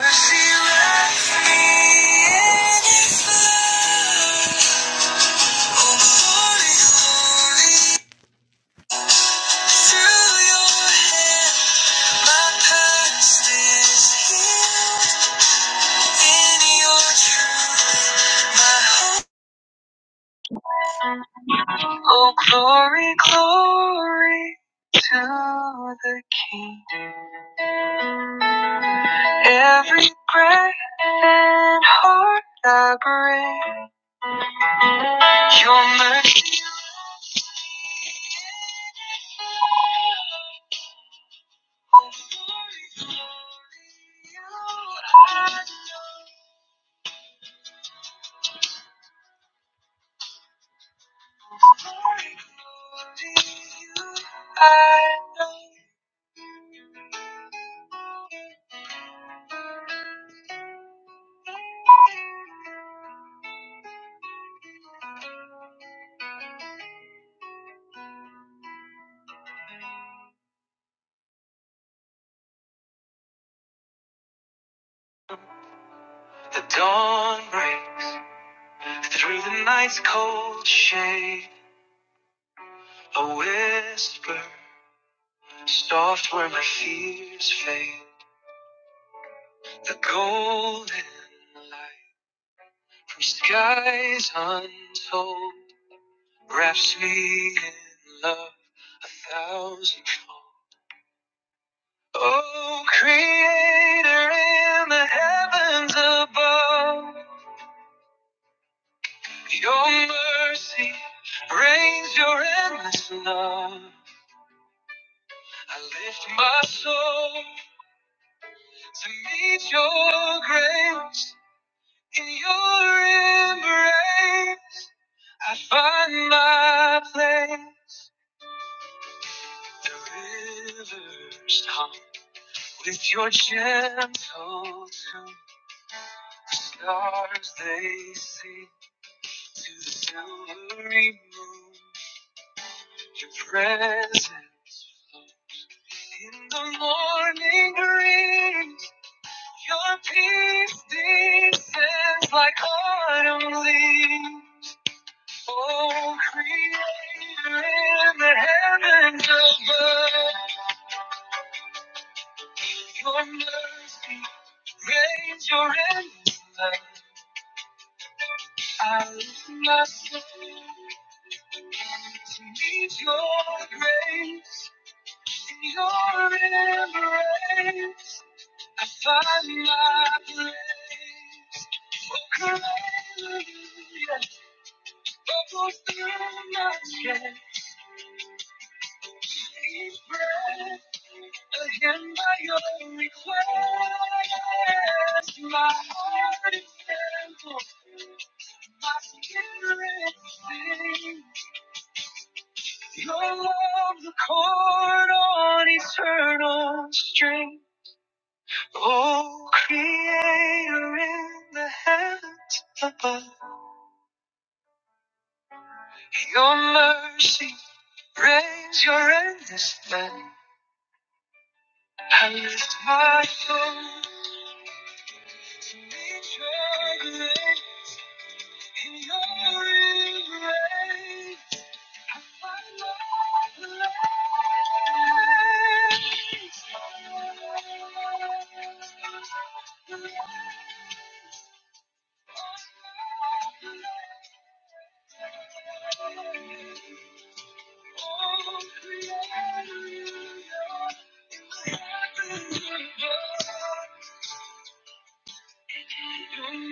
She left in his love. Oh, holy, holy. Through your hand, my past is healed. In your truth, my hope- Oh, glory, glory to the King. Every breath and heart I breathe. Your mercy I know. The dawn breaks through the night's cold shade. A whisper, soft where my fears fade. The golden light. From skies untold, wraps me in love a thousandfold. Oh, Creator in the heavens above, Your mercy reigns Your endless love. I lift my soul to meet Your grace in Your embrace. I find my place. The rivers hum. With your gentle tune, the stars they sing to the silvery moon. Your presence flows in the morning breeze. Your peace descends like autumn leaves. Oh, Creator in the heavens above, your mercy reigns your endless love. I lift my soul to meet your grace in your embrace. I find my grace. Oh, come, hallelujah. Bubbles through my chest. Deep breath again by your request. My heart is thankful, My spirit sings. Your love's a chord on eternal string. Oh, creator in the heavens above. Your mercy reigns your endless love. I lift my soul in your embrace.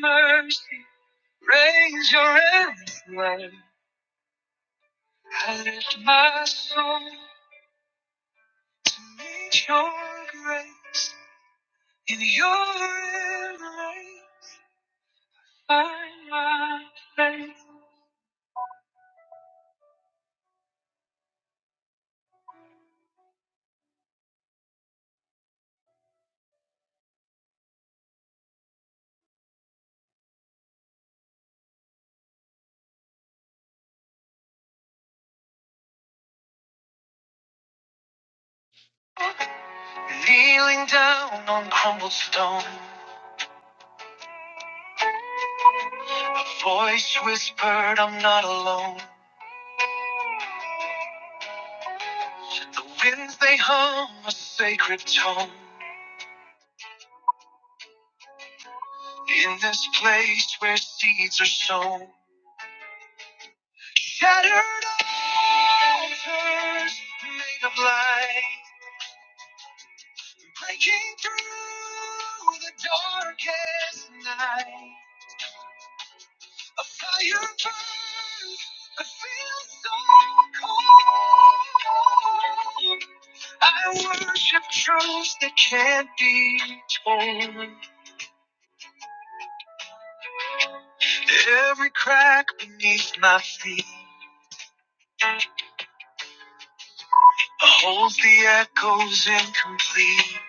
Mercy, raise your hand. I lift my soul to meet your grace in your embrace. by my faith. Kneeling down on crumbled stone, a voice whispered, I'm not alone. The winds they hum a sacred tone in this place where seeds are sown. Shattered altars made of light, breaking through the darkest night. A fire burns. I feel so cold. I worship truths that can't be told. Every crack beneath my feet holds the echoes incomplete.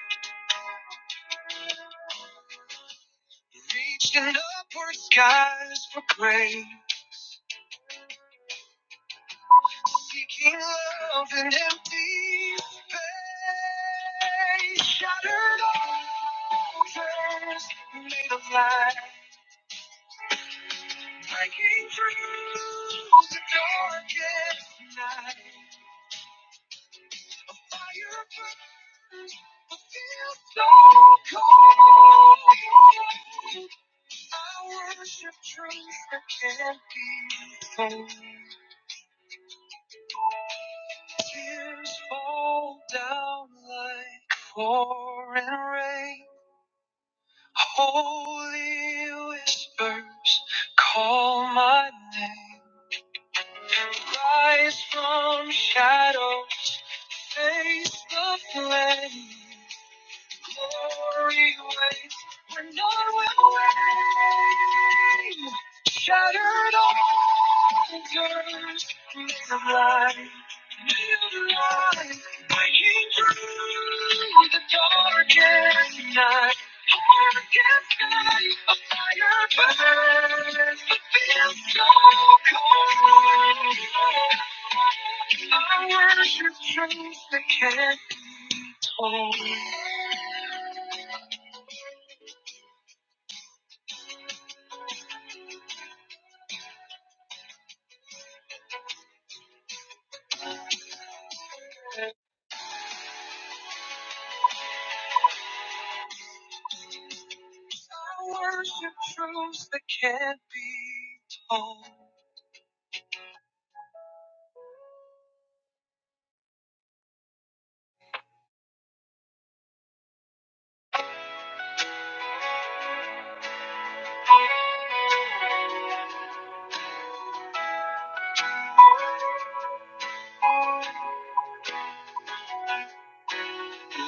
Reaching upward skies for grace. Seeking love and empty space. Shattered altars made of light. Breaking through the darkest night. A fire burns, but feels so cold. I worship truth that can't be sold. Tears fall down like pouring rain. Holy whispers call my name. Rise from shadow, face the flame. Glory waits when no way. Shattered altars, needs of light, needs of light. Breaking through the darkest night, darkest night. A fire burns, but feels so cold. I worship truth that can't I worship truths that can't be told.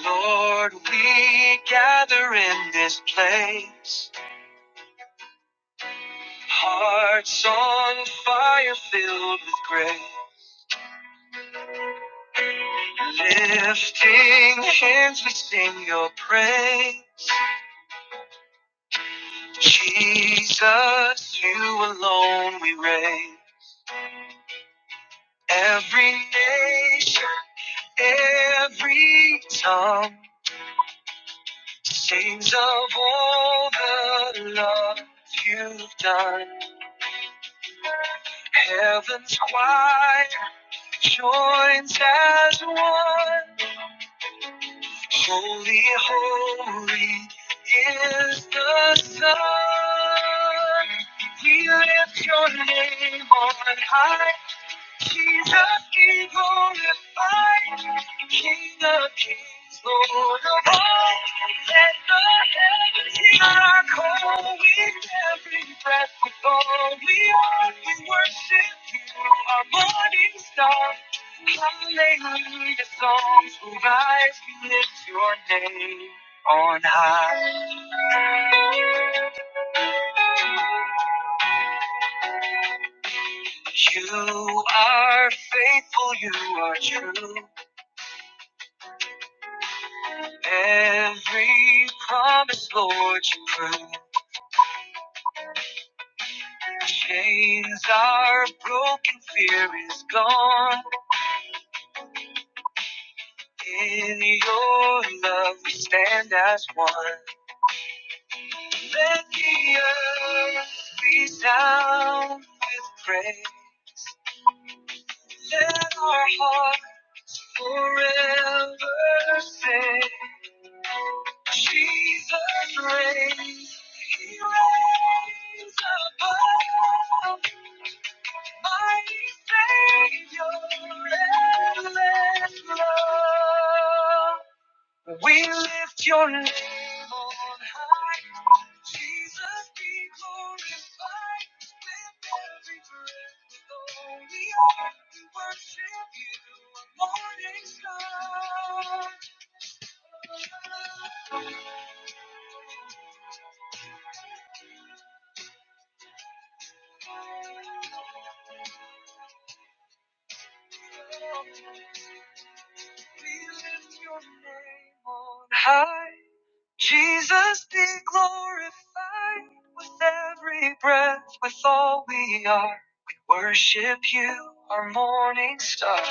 Lord, we gather in this place, hearts on fire filled with grace. Lifting hands, we sing your praise. Jesus, you alone we reign. Every nation, every tongue. Sings of all the love you've done. Heaven's choir joins as one. Holy, holy is the Son. We lift your name on high. He's the king glorified, King of kings, Lord of all. Let the heavens hear our call with every breath. With all we are, we worship you, our morning star. Hallelujah, songs will rise, we lift your name on high. You are faithful, you are true. Every promise, Lord, you prove. Chains are broken, fear is gone. In your love, we stand as one. Let the earth resound with praise. Let our hearts forever sing. Jesus reigns. He reigns above. My Savior, endless love. We lift your name on high. Jesus be glorified. with every breath with all we are. We worship you, morning star. We lift your name on high. Jesus be glorified with every breath, with all we are. We worship you, our morning star.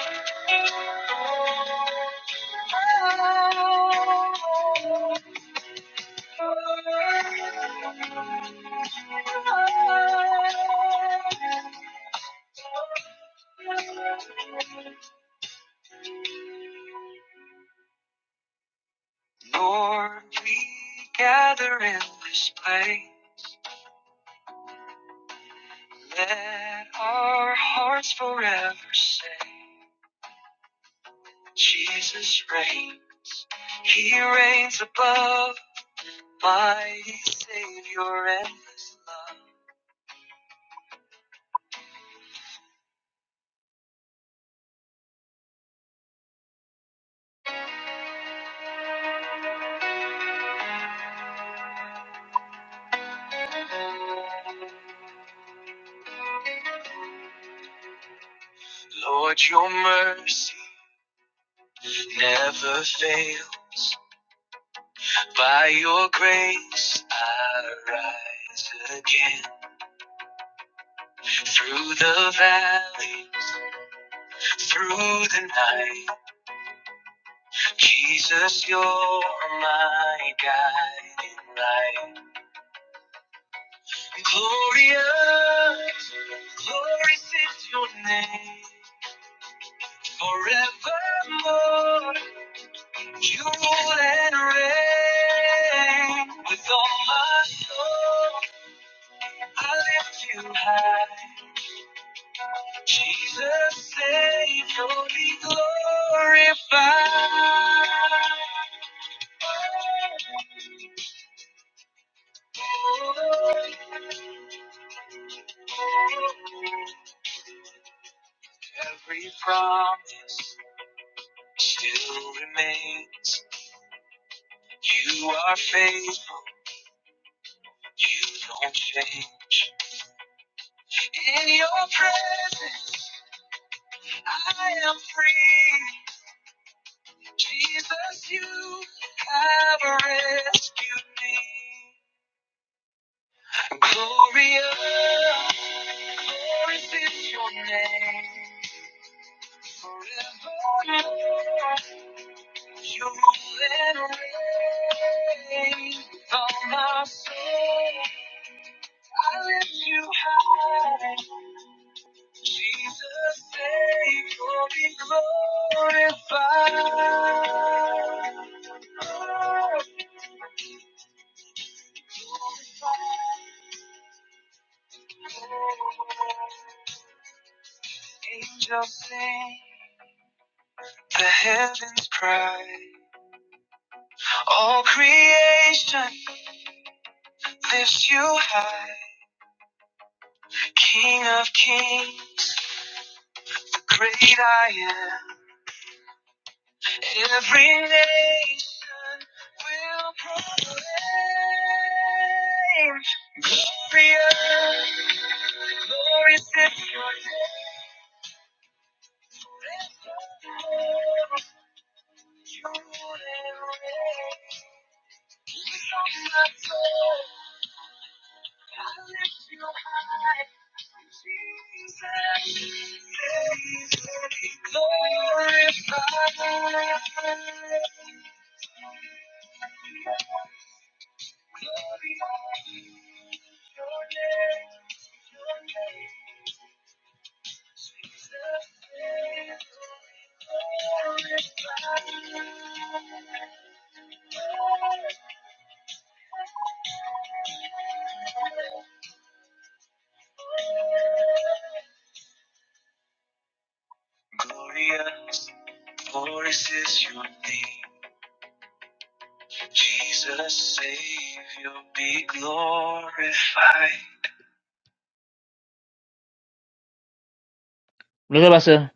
Lord, we gather in this place. Let our hearts forever say. Jesus reigns. He reigns above, mighty Savior, endless love. Lord, your mercy never fails. By your grace, I rise again. Through the valleys, through the night, Jesus, you're my guiding light. Glorious, glorious is your name. Forevermore, you rule and reign. With all my soul, I lift you high. Jesus, Savior, be glorified. Every promise still remains. You are faithful, you don't change. In your presence, I am free. Jesus, you have rescued me. Glorious, glorious is your name. Forevermore, you will reign. From my soul, I lift you high. Jesus, name will be glorified. Angels sing, the heavens cry. All creation lifts you high. King of kings, the great I am. Every nation will proclaim glorious, glorious is your name. Lift your voice, you and my soul, I lift you high, Jesus, Say, glorified, Glorious, glorious is your name. Jesus, Savior, be glorified. Look Pastor.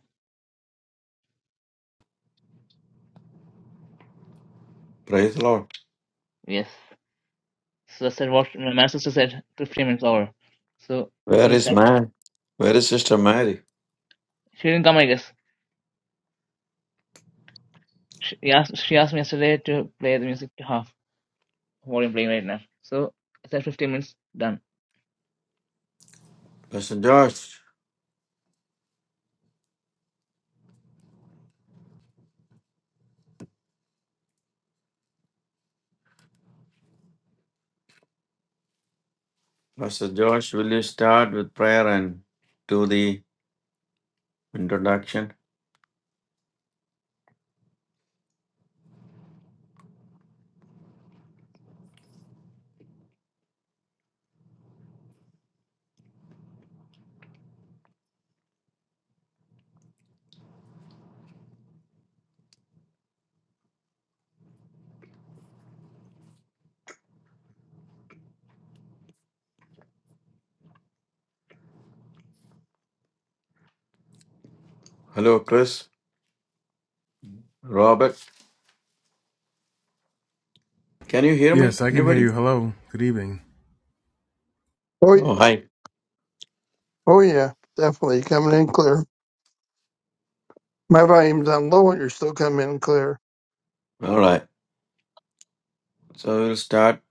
Praise the Lord. Yes. So I said, what my sister said, 15 minutes over. So, Where you must is have- man? Where is Sister Mary? she didn't come, I guess. She she asked, she asked me yesterday to play the music to half, volume playing right now. So, I said 15 minutes, done. Pastor Josh, Pastor Josh, will you start with prayer and do the introduction? Hello, Chris, Robert. Can you hear me? Yes, I can hear Anybody? you. Hello. Good evening. Oh Oh, yeah, hi. oh yeah, definitely coming in clear. My volume's on low, and you're still coming in clear. All right. So we'll start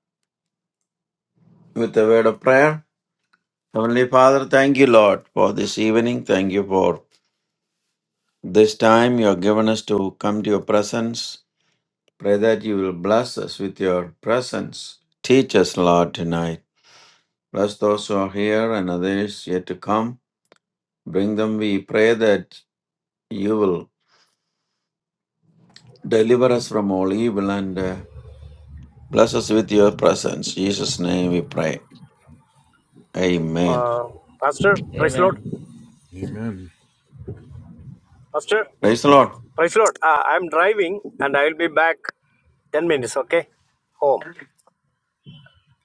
with a word of prayer. Heavenly Father, thank you, Lord, for this evening. Thank you for this time you have given us to come to your presence. Pray that you will bless us with your presence. Teach us, Lord, tonight. Bless those who are here and others yet to come. Bring them, we pray that you will deliver us from all evil and uh, bless us with your presence. In Jesus' name we pray. Amen. Uh, Pastor, praise the Lord. Amen. Amen. Pastor, Praise the Lord. praise the Lord. Uh, I'm driving and I'll be back 10 minutes, okay? Home.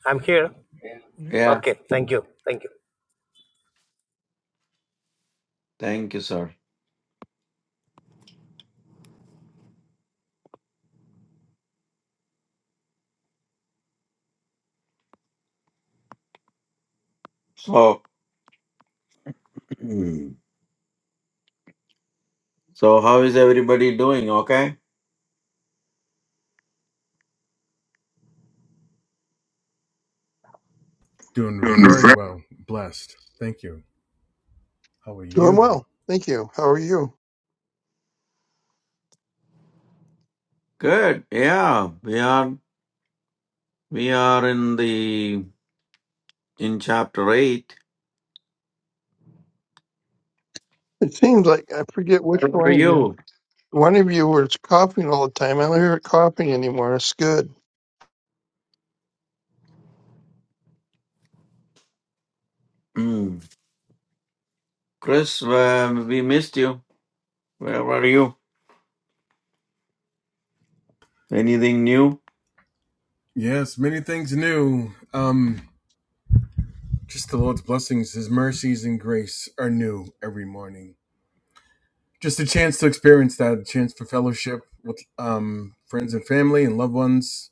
I'm here. Yeah. Okay, thank you. Thank you. Thank you, sir. So, so how is everybody doing? Okay. Doing Doing very very- well. Blessed. Thank you. How are Doing you? well, thank you. How are you? Good. Yeah. We are, we are in the, in chapter eight. It seems like I forget which Where were one of you. you? One of you was coughing all the time. I don't hear it coughing anymore. It's good. Mm. Chris, uh, we missed you. Where were you? Anything new? Yes, many things new. Um, just the Lord's blessings, His mercies and grace are new every morning. Just a chance to experience that, a chance for fellowship with um friends and family and loved ones.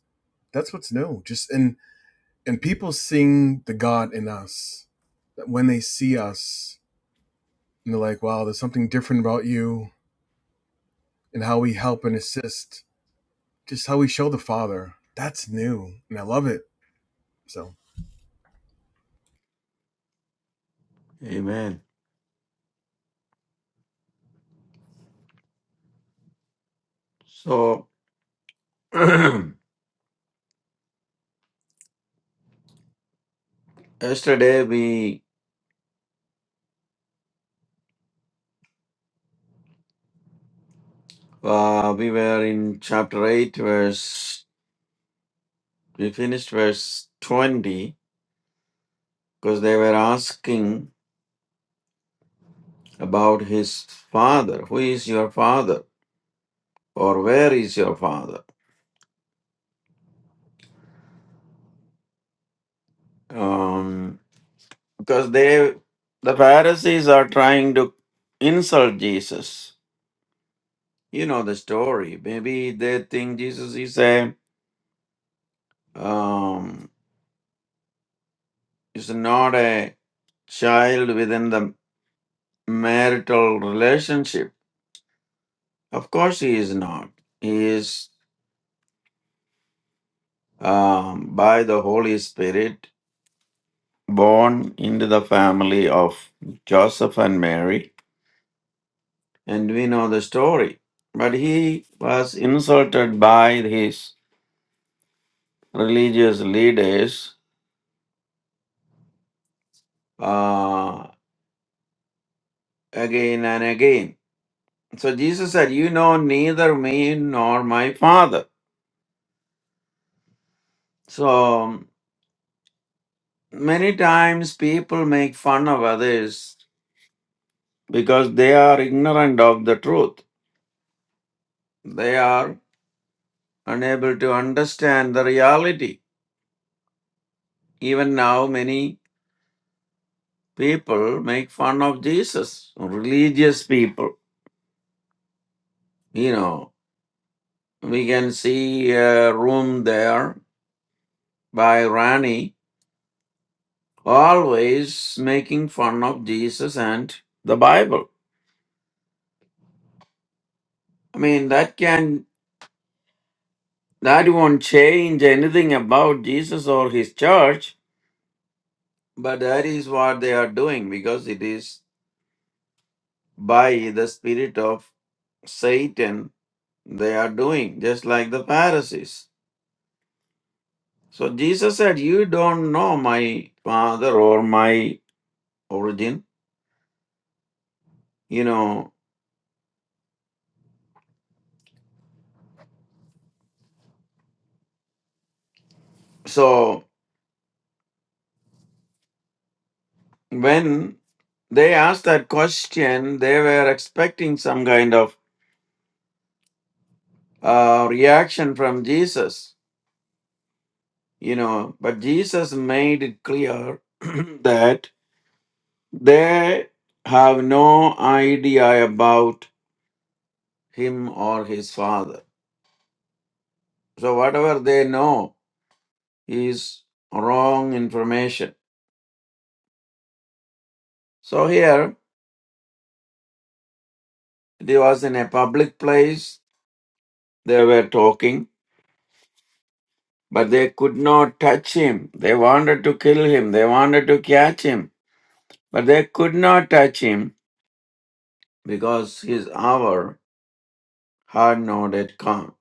That's what's new. Just and and people seeing the God in us. That when they see us and they're like, wow, there's something different about you and how we help and assist just how we show the Father. That's new, and I love it. So, Amen. So yesterday we uh, we were in chapter eight, verse we finished verse twenty because they were asking about his father. Who is your father, or where is your father? Um, because they the Pharisees are trying to insult Jesus. You know the story. Maybe they think Jesus is a um, is not a child within the marital relationship. Of course, he is not. He is um, by the Holy Spirit born into the family of Joseph and Mary, and we know the story. But he was insulted by his religious leaders uh, again and again. So Jesus said, You know neither me nor my father. So um, Many times people make fun of others because they are ignorant of the truth. They are unable to understand the reality. Even now, many people make fun of Jesus, religious people. You know, we can see a room there by Rani always making fun of Jesus and the Bible. I mean, that can, that won't change anything about Jesus or his church But that is what they are doing because it is by the spirit of Satan they are doing, just like the Pharisees. So Jesus said, You don't know my father or my origin. You know, so when they asked that question, they were expecting some kind of uh, reaction from Jesus, you know, but Jesus made it clear that They have no idea about him or his father. So, whatever they know is wrong information. So, here it was in a public place, they were talking, but they could not touch him. They wanted to kill him, they wanted to catch him, but they could not touch him because his hour had not yet come.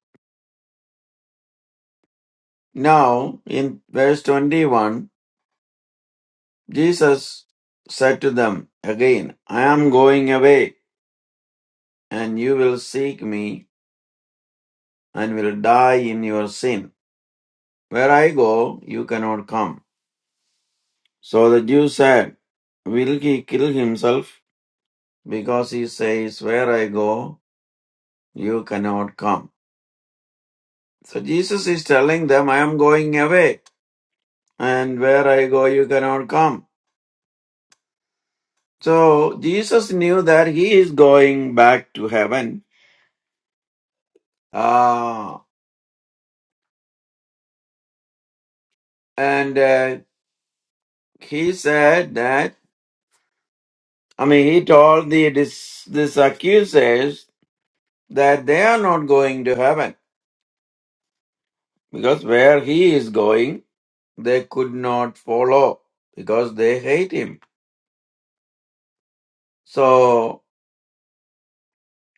Now, in verse 21, Jesus said to them again, I am going away, and you will seek me and will die in your sin. Where I go, you cannot come. So the Jews said, Will he kill himself? Because he says, Where I go, you cannot come. So Jesus is telling them, I am going away, and where I go, you cannot come. So Jesus knew that he is going back to heaven. Ah, and uh, he said that I mean he told the this this accusers that they are not going to heaven because where he is going they could not follow because they hate him. So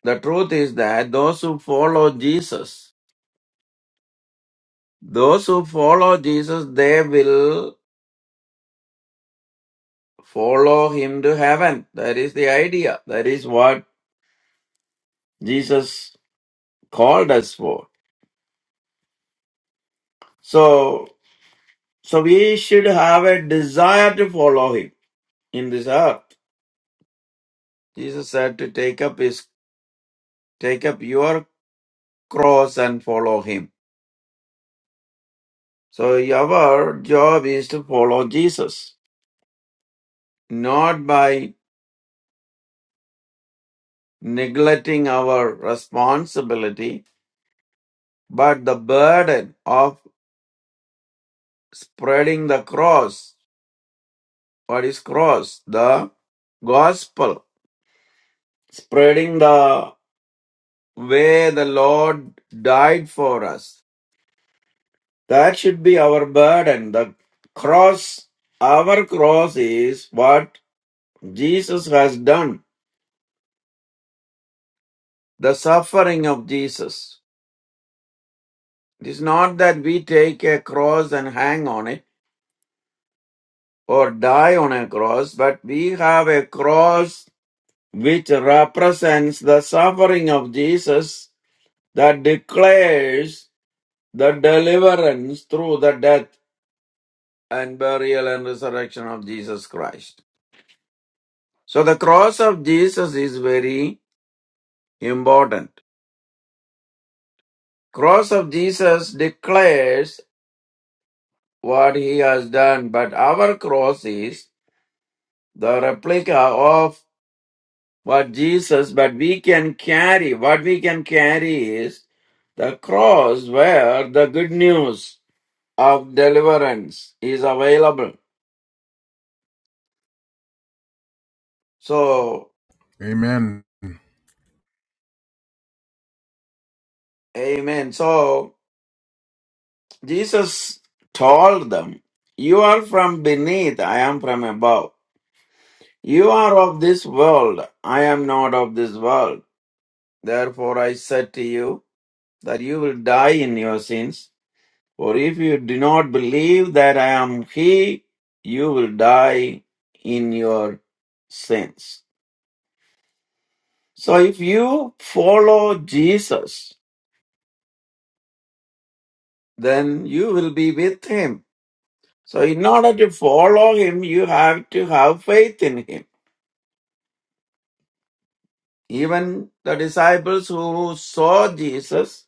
the truth is that those who follow Jesus, those who follow Jesus, they will follow him to heaven. That is the idea. That is what Jesus called us for. So So we should have a desire to follow him in this earth. Jesus said to take up his take up your cross and follow him. So our job is to follow Jesus, not by neglecting our responsibility, but the burden of spreading the cross. What is cross? The gospel. Spreading the way the Lord died for us That should be our burden. The cross, our cross is what Jesus has done, the suffering of Jesus. It is not that we take a cross and hang on it or die on a cross, but we have a cross which represents the suffering of Jesus that declares the deliverance through the death and burial and resurrection of Jesus Christ. So the cross of Jesus is very important. Cross of Jesus declares what he has done, but our cross is the replica of what Jesus, but we can carry, what we can carry is the cross where the good news of deliverance is available. So, amen. amen. So, Jesus told them, You are from beneath, I am from above. You are of this world, I am not of this world. Therefore I said to you that you will die in your sins, for if you do not believe that I am He, you will die in your sins. So if you follow Jesus, then you will be with Him. So in order to follow Him, you have to have faith in Him. Even the disciples who saw Jesus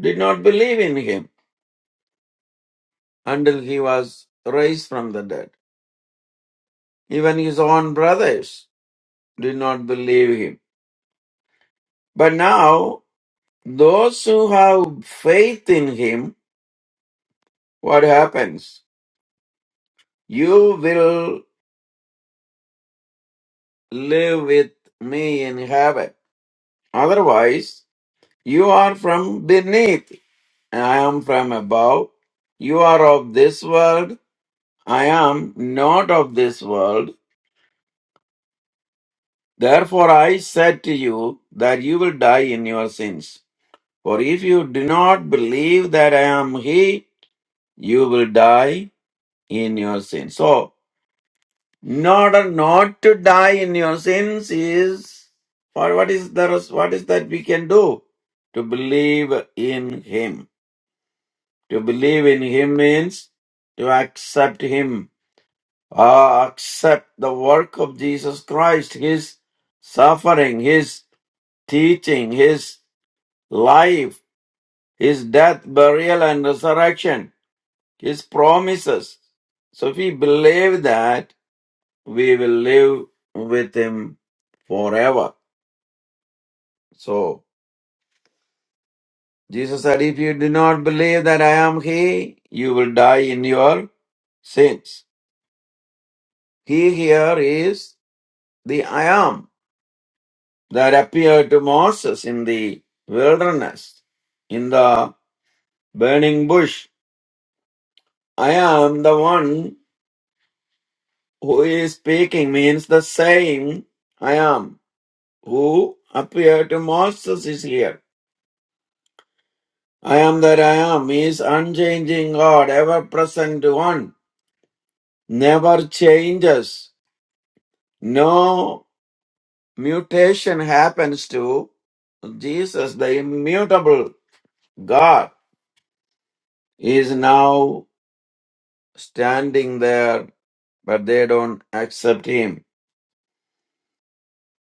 did not believe in Him until He was raised from the dead. Even his own brothers did not believe him. But now, those who have faith in him, what happens? You will live with me in heaven. Otherwise, you are from beneath, and I am from above. You are of this world, I am not of this world. Therefore, I said to you that you will die in your sins. For if you do not believe that I am He, you will die in your sins. So, in order not to die in your sins is for what is the res- what is that we can do to believe in Him. To believe in Him means to accept Him, uh, accept the work of Jesus Christ, His suffering, His teaching, His life, His death, burial, and resurrection, His promises. So, if we believe that we will live with him forever. So Jesus said, If you do not believe that I am He, you will die in your sins. He here is the I am that appeared to Moses in the wilderness, in the burning bush. I am the one who is speaking means the same I am who appeared to Moses is here. I am that I am is unchanging God, ever present one, never changes. No mutation happens to Jesus, the immutable God is now standing there, but they don't accept him.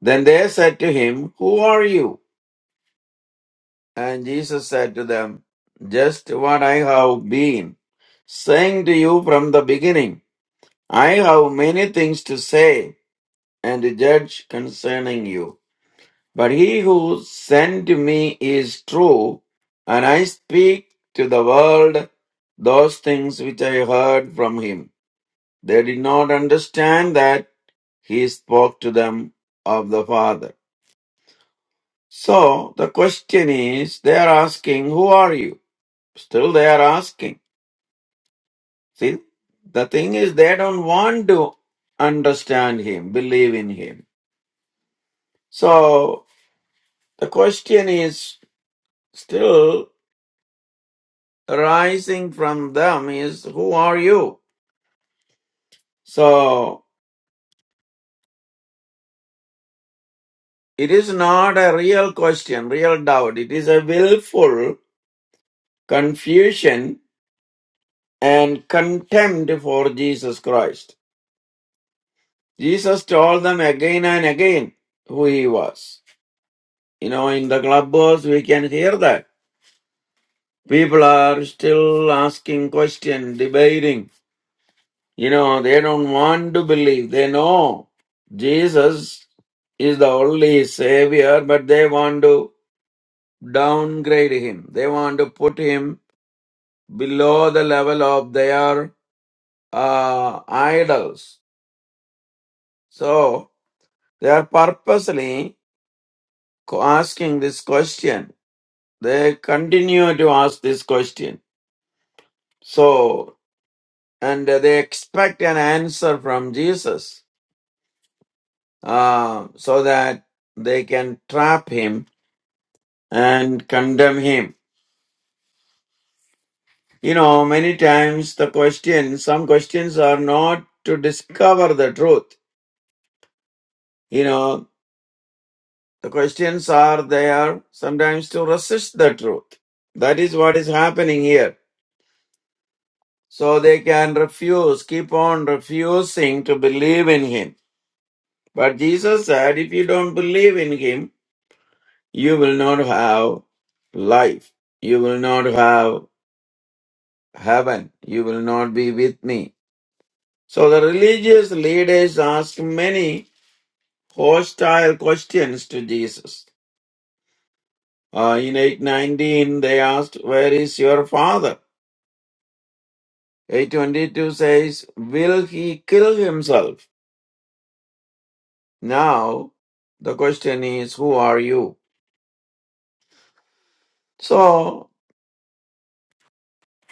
Then they said to him, Who are you? And Jesus said to them, Just what I have been saying to you from the beginning. I have many things to say and judge concerning you. But he who sent me is true, and I speak to the world those things which I heard from him. They did not understand that he spoke to them of the Father. So the question is, they are asking, Who are you? Still they are asking. See, the thing is, they don't want to understand him, believe in him. So the question is, Still, arising from them is, Who are you? So, it is not a real question, real doubt. It is a willful confusion and contempt for Jesus Christ. Jesus told them again and again who he was. You know, in the clubhouse, we can hear that. People are still asking questions, debating. You know, they don't want to believe. They know Jesus is the only Savior, but they want to downgrade him. They want to put him below the level of their uh, idols. So they are purposely co- asking this question. They continue to ask this question. So, and they expect an answer from Jesus uh, so that they can trap him and condemn him. You know, many times the questions, some questions are not to discover the truth. You know, the questions are there sometimes to resist the truth. That is what is happening here. So they can refuse, keep on refusing to believe in him. But Jesus said, if you don't believe in him, you will not have life. You will not have heaven. You will not be with me So the religious leaders asked many hostile questions to Jesus. Uh, in 819, they asked, Where is your father? 822 says, Will he kill himself? Now, the question is, Who are you? So,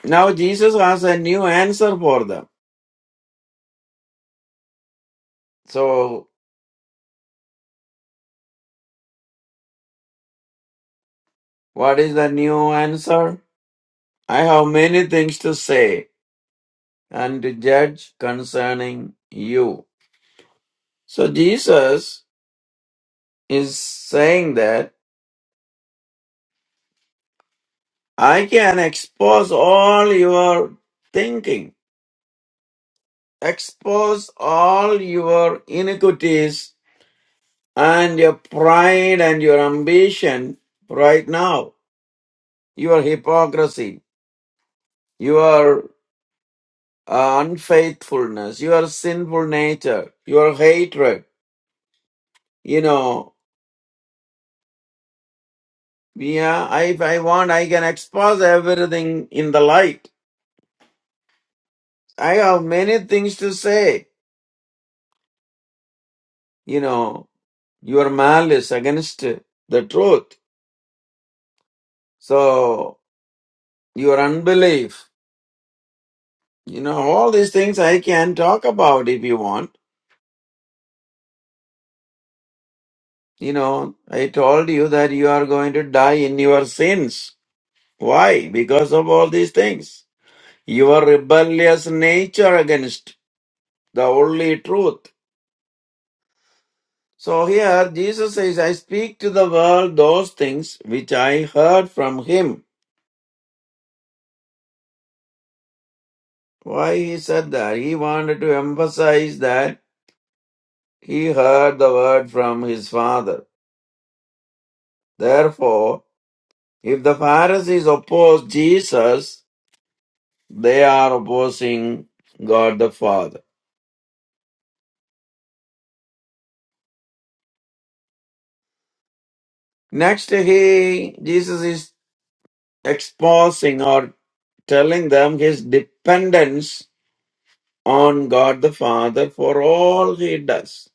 now Jesus has a new answer for them. So, what is the new answer? I have many things to say and to judge concerning you. So, Jesus is saying that I can expose all your thinking, expose all your iniquities and your pride and your ambition right now, your hypocrisy, your uh, unfaithfulness, your sinful nature, your hatred. You know, yeah, I- if I want, I can expose everything in the light. I have many things to say, you know Your malice against the truth. So your unbelief. You know, all these things I can talk about if you want. You know, I told you that you are going to die in your sins. Why? Because of all these things. Your rebellious nature against the only truth. So here Jesus says, I speak to the world those things which I heard from him. Why he said that? He wanted to emphasize that He heard the word from his father. Therefore, if the Pharisees oppose Jesus, they are opposing God the Father. Next, he, Jesus is exposing or telling them his dependence on God the Father for all he does.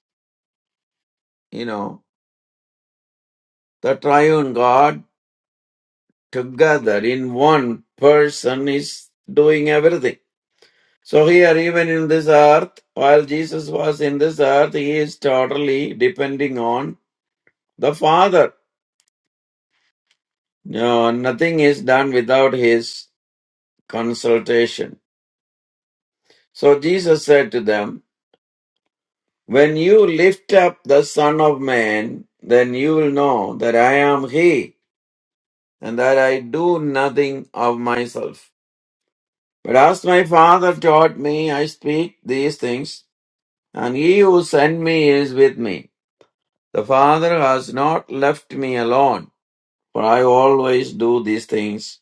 You know, the triune God together in one person is doing everything. So here, even in this earth, while Jesus was in this earth, he is totally depending on the Father. No, nothing is done without his consultation. So Jesus said to them, When you lift up the Son of Man, then you will know that I am he, and that I do nothing of myself. But as my Father taught me, I speak these things, and he who sent me is with me. The Father has not left me alone, for I always do these things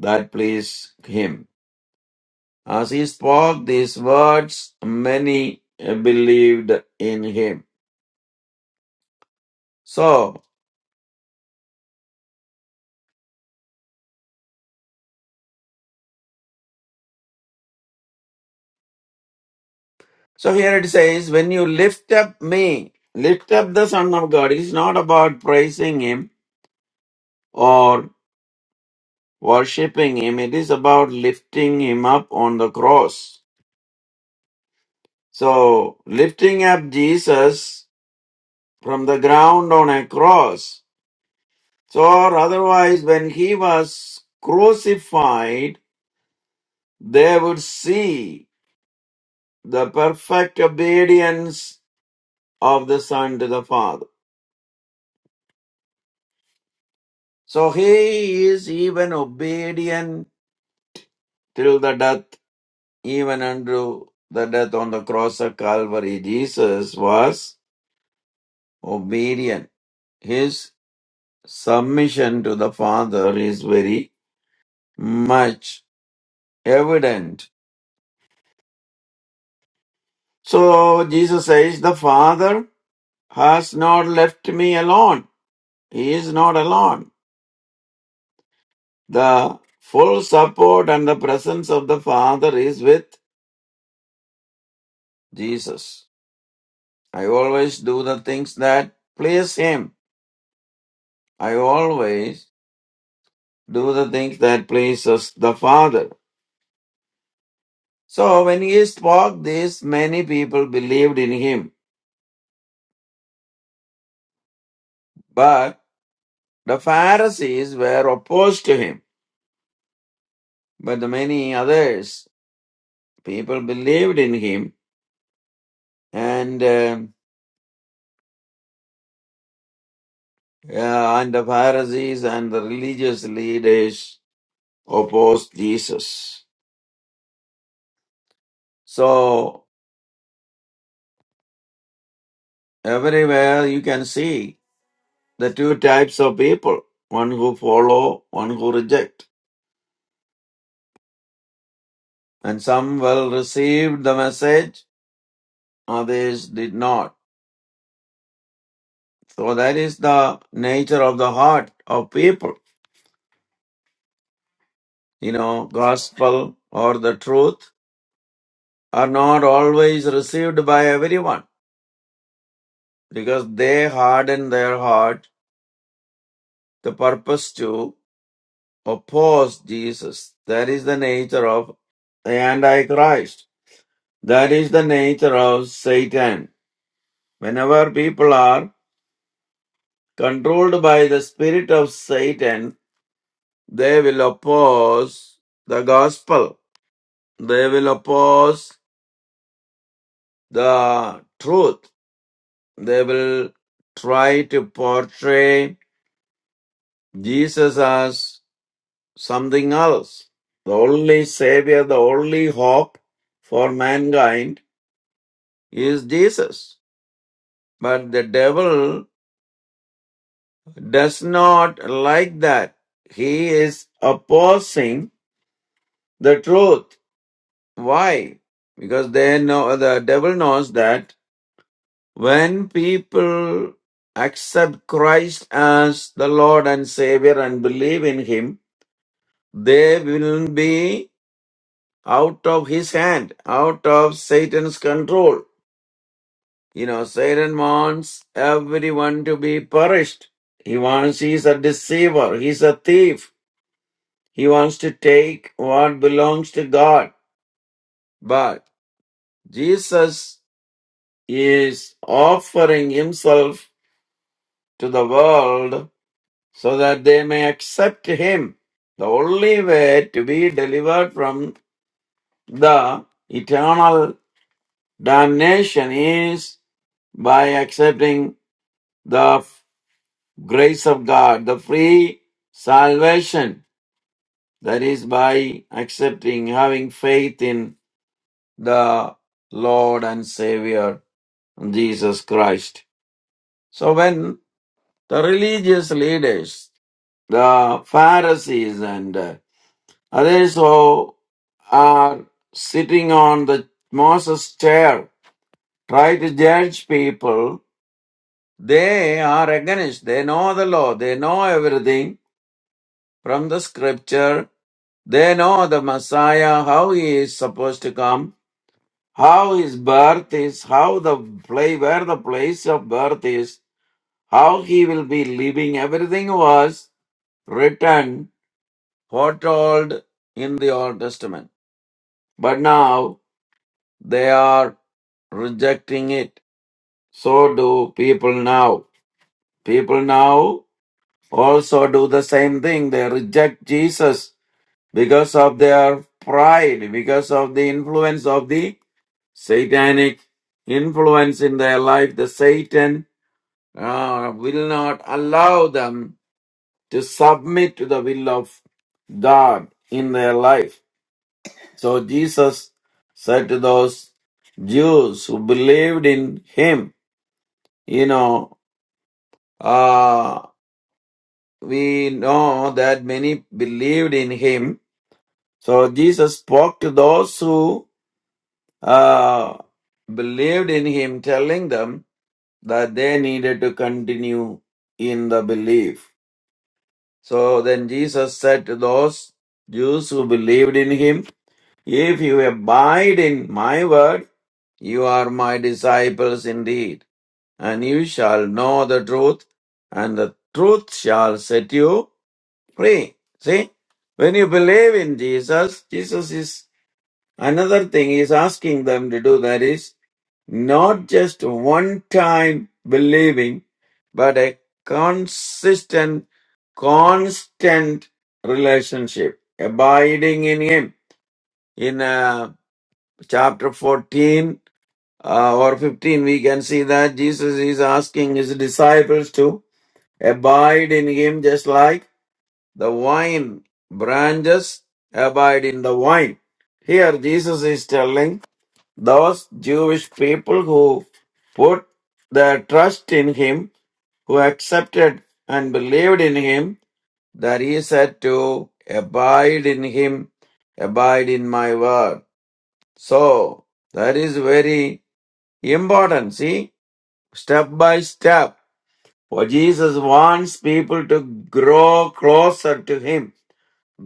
that please him. As he spoke these words, many believed in him. So, so here it says, when you lift up me, lift up the Son of God, it is not about praising him or worshipping him, it is about lifting him up on the cross. So, lifting up Jesus from the ground on a cross So otherwise, when he was crucified, they would see the perfect obedience of the Son to the Father. So he is even obedient till the death, even unto the death on the cross of Calvary. Jesus was obedient. His submission to the Father is very much evident. So Jesus says, the Father has not left me alone. He is not alone. The full support and the presence of the Father is with Jesus. I always do the things that please Him. I always do the things that pleases the Father. So when he spoke this, many people believed in him, but the Pharisees were opposed to him. But the many others, people believed in him, and. uh, Yeah, and the Pharisees and the religious leaders opposed Jesus. So everywhere you can see the two types of people, one who follow, one who reject. And some well received the message, others did not. So that is the nature of the heart of people. You know, gospel or the truth are not always received by everyone because they harden their heart the purpose too oppose Jesus. That is the nature of the Antichrist. That is the nature of Satan. Whenever people are controlled by the spirit of Satan, they will oppose the gospel. They will oppose the truth. They will try to portray Jesus as something else. The only savior, the only hope for mankind is Jesus. But the devil does not like that. He is opposing the truth. Why? Because they know the devil knows that when people accept Christ as the Lord and Savior and believe in him, they will be out of his hand, out of Satan's control You know, Satan wants everyone to be perished. He wants, he's a deceiver, he's a thief. He wants to take what belongs to God. But Jesus is offering himself to the world so that they may accept him. The only way to be delivered from the eternal damnation is by accepting the grace of God, the free salvation that is by accepting, having faith in the Lord and Savior Jesus Christ. So when the religious leaders, the Pharisees and uh, others who are sitting on the Moses chair, try to judge people, they are against, they know the law, they know everything from the scripture, They know the Messiah, how he is supposed to come, how his birth is, how the place where the place of birth is, how he will be living. Everything was written, foretold in the Old Testament. But now they are rejecting it. So do people now. People now also do the same thing. They reject Jesus because of their pride, because of the influence of the satanic influence in their life, the Satan uh, will not allow them to submit to the will of God in their life. So Jesus said to those Jews who believed in him, you know, uh, we know that many believed in him. So Jesus spoke to those who uh, believed in him, telling them that they needed to continue in the belief. So then Jesus said to those Jews who believed in him, If you abide in my word, you are my disciples indeed, and you shall know the truth, and the truth shall set you free. See, when you believe in Jesus, Jesus is another thing he is asking them to do that is not just one time believing, but a consistent, constant relationship, abiding in Him. In uh, chapter 14 uh, or 15, we can see that Jesus is asking His disciples to abide in Him just like the wine branches abide in the wine. Here, Jesus is telling those Jewish people who put their trust in him, who accepted and believed in him, that he said to abide in him, abide in my word. So that is very important. See, step by step, for Jesus wants people to grow closer to him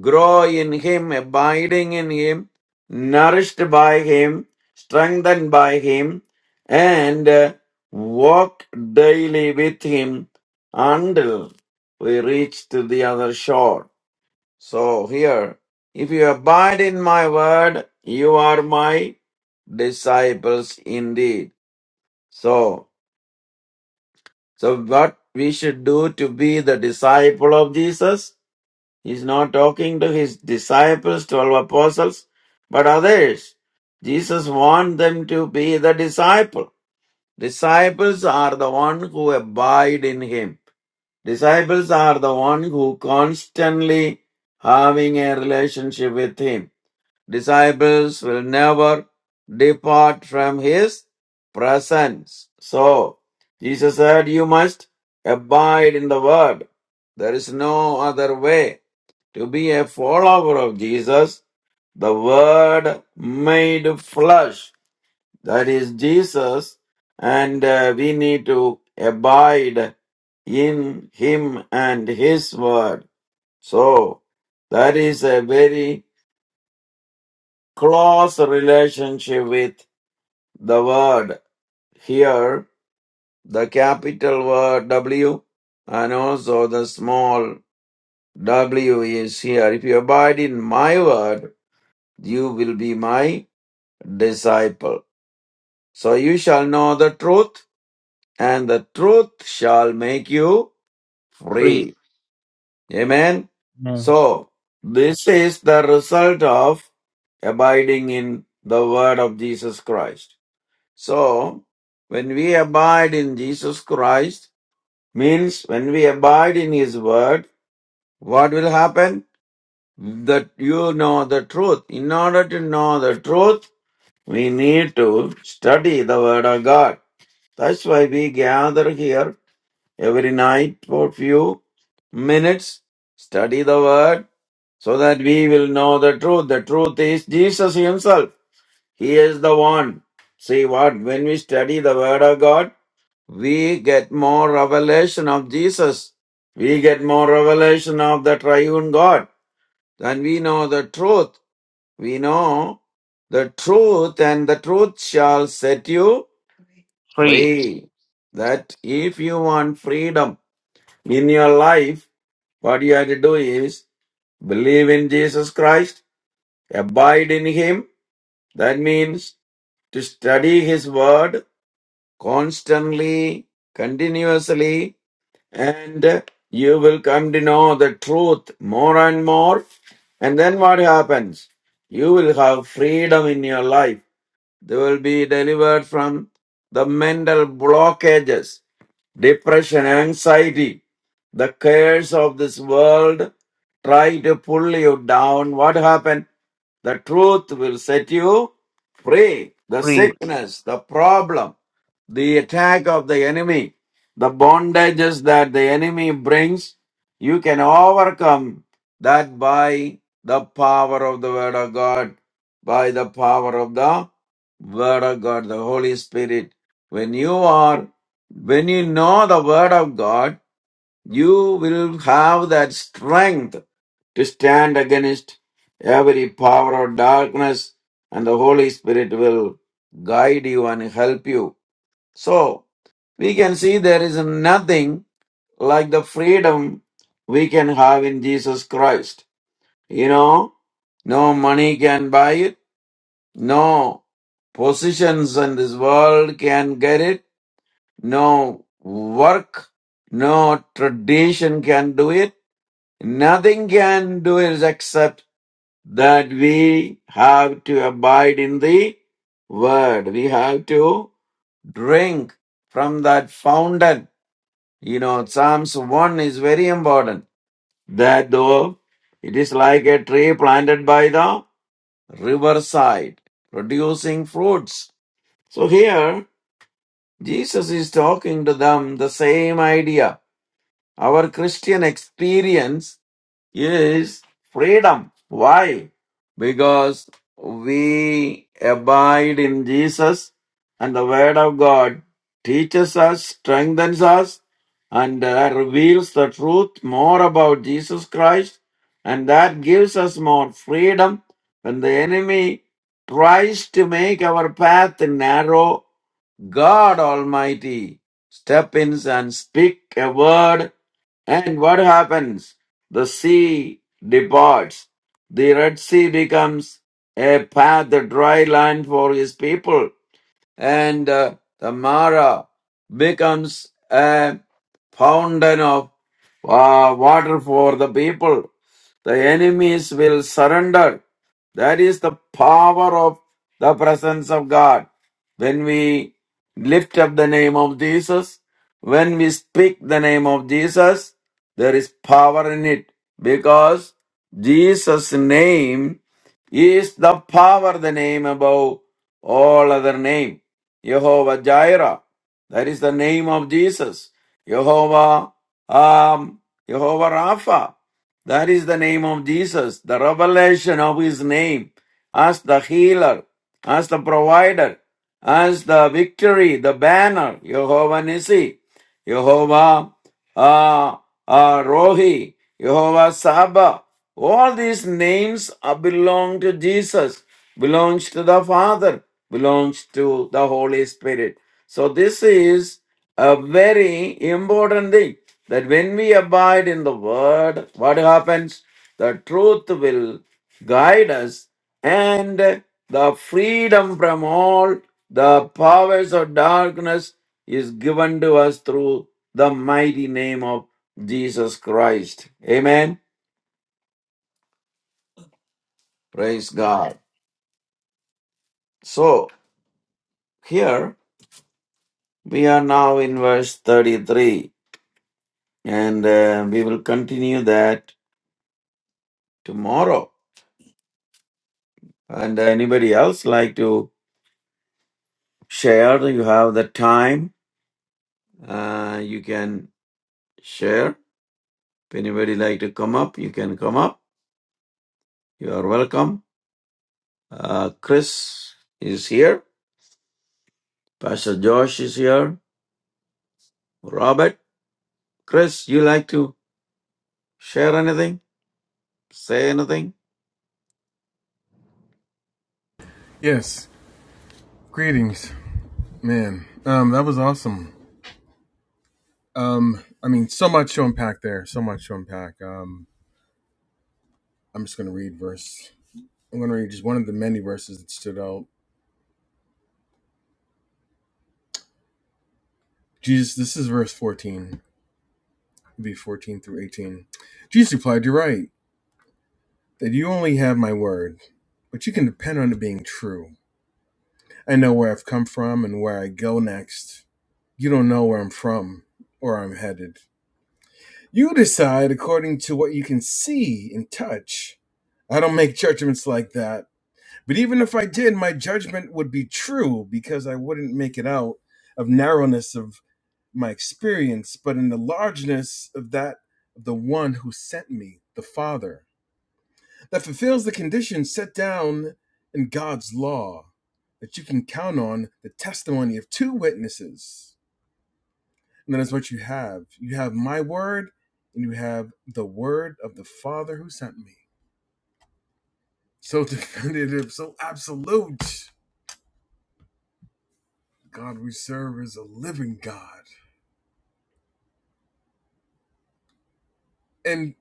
grow in Him, abiding in Him, nourished by Him, strengthened by Him, and uh, walk daily with Him until we reach to the other shore. So here, if you abide in my word, you are my disciples indeed. So, so what we should do to be the disciple of Jesus? He's not talking to his disciples, 12 apostles, but others. Jesus wants them to be the disciple. Disciples are the one who abide in him. Disciples are the one who constantly having a relationship with him disciples will never depart from his presence. So, Jesus said, You must abide in the word. There is no other way. To be a follower of Jesus, the word made flesh, that is Jesus, and uh, we need to abide in him and his word. So, that is a very close relationship with the word here, the capital word W and also the small w is here. If you abide in my word, you will be my disciple. So you shall know the truth and the truth shall make you Free. free. Amen. Amen. So this is the result of abiding in the word of Jesus Christ. So, when we abide in Jesus Christ, means when we abide in His Word, what will happen? That you know the truth. In order to know the truth, we need to study the Word of God. That's why we gather here every night for few minutes, study the Word, so that we will know the truth. The truth is Jesus Himself. He is the one. See what? When we study the Word of God, we get more revelation of Jesus. We get more revelation of the triune God. Then we know the truth. We know the truth, and the truth shall set you Free. free. That if you want freedom in your life, what you have to do is believe in Jesus Christ, abide in Him. That means to study His Word constantly, continuously, and you will come to know the truth more and more. And then what happens? You will have freedom in your life. They will be delivered from the mental blockages depression, anxiety, the cares of this world try to pull you down. What happened? The truth will set you free. The Free. sickness, the problem, the attack of the enemy, the bondages that the enemy brings, you can overcome that by the power of the Word of God, by the power of the Word of God, the Holy Spirit. When you are when you know the word of God, you will have that strength to stand against every power of darkness and the Holy Spirit will guide you and help you. So, we can see there is nothing like the freedom we can have in Jesus Christ. You know, no money can buy it, no positions in this world can get it, no work, no tradition can do it. Nothing can do it except that we have to abide in the word. We have to drink from that fountain. You know, Psalms 1 is very important. That though it is like a tree planted by the riverside, producing fruits. So here, Jesus is talking to them the same idea Our Christian experience is freedom. Why? Because we abide in Jesus and the Word of God teaches us, strengthens us, and uh, reveals the truth more about Jesus Christ. And that gives us more freedom when the enemy tries to make our path narrow God Almighty step in and speak a word, and what happens? The sea departs. The Red Sea becomes a path, a dry land for his people and uh, the Mara becomes a fountain of uh, water for the people. The enemies will surrender. That is the power of the presence of God. When we lift up the name of Jesus, when we speak the name of Jesus, there is power in it because Jesus' name is the power, the name above all other name. Jehovah Jireh. That is the name of Jesus. Jehovah, um, Jehovah Rapha. That is the name of Jesus. The revelation of his name as the healer, as the provider, as the victory, the banner, Jehovah Nissi. Jehovah uh, uh, Rohi, Jehovah Saba. All these names are belong to Jesus, belongs to the Father, belongs to the Holy Spirit. So this is a very important thing that when we abide in the Word, what happens? The truth will guide us and the freedom from all the powers of darkness is given to us through the mighty name of Jesus Christ. Amen. Praise God. So, here we are now in verse 33, and uh, we will continue that tomorrow. And uh, anybody else like to share? You have the time, uh, you can share. If anybody like to come up, you can come up You are welcome. Uh, Chris is here. Pastor Josh is here. Robert, Chris, you like to share anything? Say anything? Yes, greetings, man. Um, that was awesome. Um, I mean, so much to unpack there. So much to unpack. Um, I'm just gonna read verse. I'm gonna read just one of the many verses that stood out. Jesus, this is verse 14, It'd be 14 through 18. Jesus replied, "You're right that you only have my word, but you can depend on it being true. I know where I've come from and where I go next. You don't know where I'm from or I'm headed. You decide according to what you can see and touch. I don't make judgments like that. But even if I did, my judgment would be true because I wouldn't make it out of narrowness of my experience, but in the largeness of that of the one who sent me, the Father that fulfills the conditions set down in God's law, that you can count on the testimony of two witnesses. And that is what you have. You have my word, and you have the word of the Father who sent me. So definitive, so absolute. God we serve is a living God. And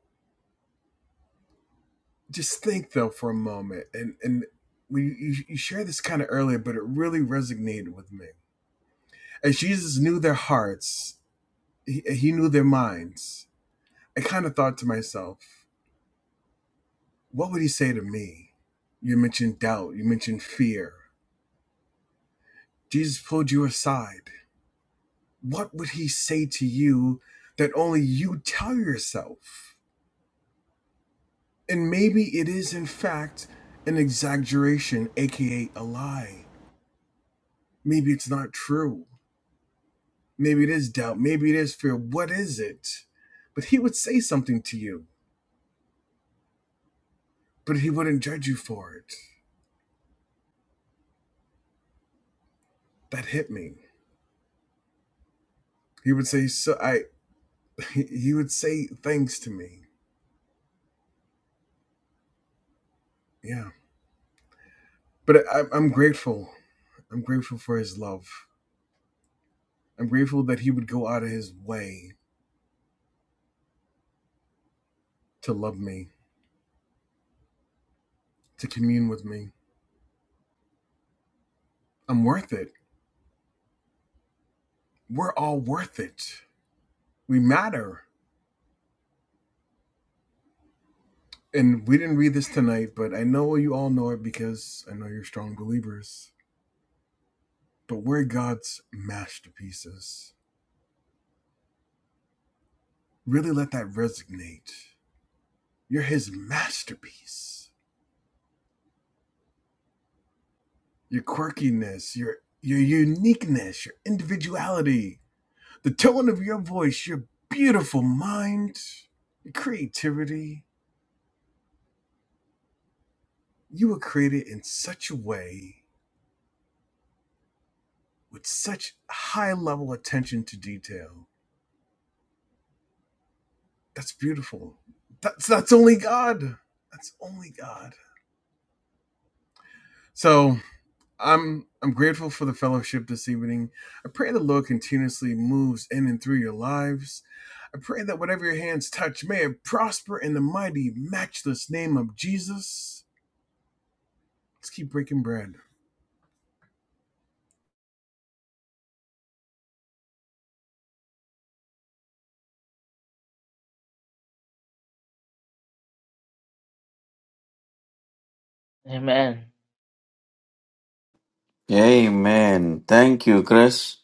just think though for a moment, and and we you, you shared this kind of earlier, but it really resonated with me. As Jesus knew their hearts, he, he knew their minds I kind of thought to myself, what would he say to me? You mentioned doubt, you mentioned fear. Jesus pulled you aside. What would he say to you that only you tell yourself? And maybe it is, in fact, an exaggeration, aka a lie. Maybe it's not true. Maybe it is doubt. Maybe it is fear. What is it? But he would say something to you, but he wouldn't judge you for it. That hit me. He would say, "So I." he, he would say thanks to me. Yeah. But I, I'm grateful. I'm grateful for his love. I'm grateful that he would go out of his way to love me, to commune with me. I'm worth it. We're all worth it. We matter. And we didn't read this tonight, but I know you all know it because I know you're strong believers. But we're God's masterpieces. Really let that resonate. You're his masterpiece. your quirkiness, your your uniqueness, your individuality, the tone of your voice, your beautiful mind, your creativity. You were created in such a way with such high level attention to detail. That's beautiful. That's that's only God. That's only God. So I'm I'm grateful for the fellowship this evening. I pray the Lord continuously moves in and through your lives. I pray that whatever your hands touch, may it prosper in the mighty, matchless name of Jesus. Let's keep breaking bread. Amen. Amen. Thank you, Chris.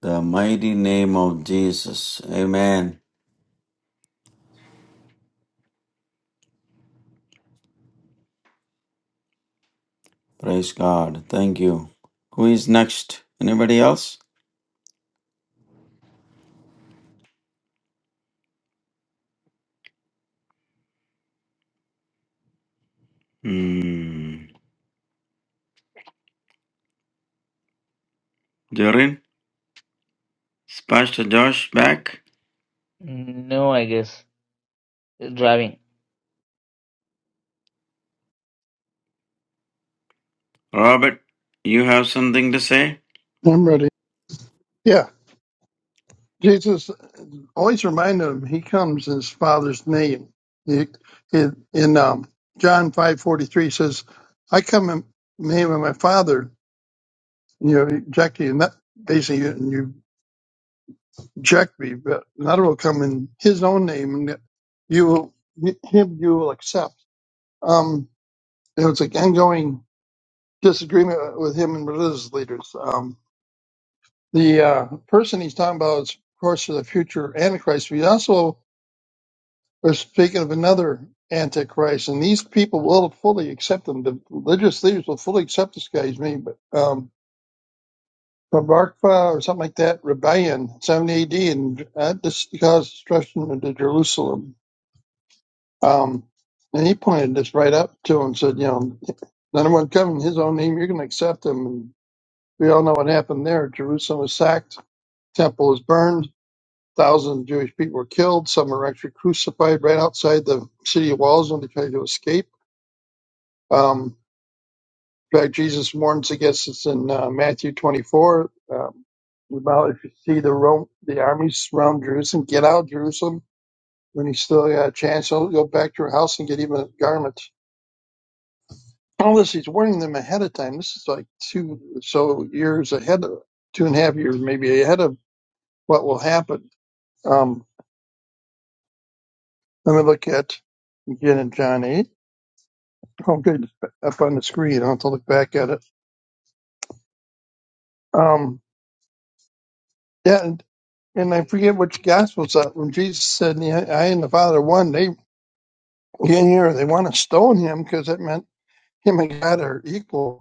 The mighty name of Jesus. Amen. Praise God. Thank you. Who is next? Anybody else? Hmm. Jorin, is Pastor Josh back? No, I guess. Driving. Robert, you have something to say? I'm ready. Yeah, Jesus always reminded him he comes in his Father's name. He, he, in um, John five forty three says, "I come in the name of my Father." And You know, exactly. And that basically, you, reject me, but another will come in his own name, and you will him you will accept. Um, it was an ongoing disagreement with him and religious leaders. Um, the uh, person he's talking about is, of course, the future Antichrist. We also are speaking of another Antichrist, and these people will fully accept him. The religious leaders will fully accept this guy. He's made, but um, Barbarpa or something like that rebellion, 70 AD, and uh, this caused destruction to Jerusalem Um, and he pointed this right up to him and said, you know, none of one come in his own name, you're going to accept him. And we all know what happened there. Jerusalem was sacked, temple was burned, thousands of Jewish people were killed. Some were actually crucified right outside the city walls when they tried to escape. Um, in fact, Jesus warns against this in uh, Matthew 24 um, about if you see the Rome, the armies surround Jerusalem, get out of Jerusalem. When you still got a chance, go go back to your house and get even a garment Unless he's warning them ahead of time. This is like two so years ahead of two and a half years, maybe ahead of what will happen. Um, let me look at again in John eight. Oh, good, it's up on the screen. I will have to look back at it. Um, yeah, and, and I forget which gospel's that when Jesus said, "Yeah, "I and the Father are one." They get here. They want to stone him because it meant him and God are equal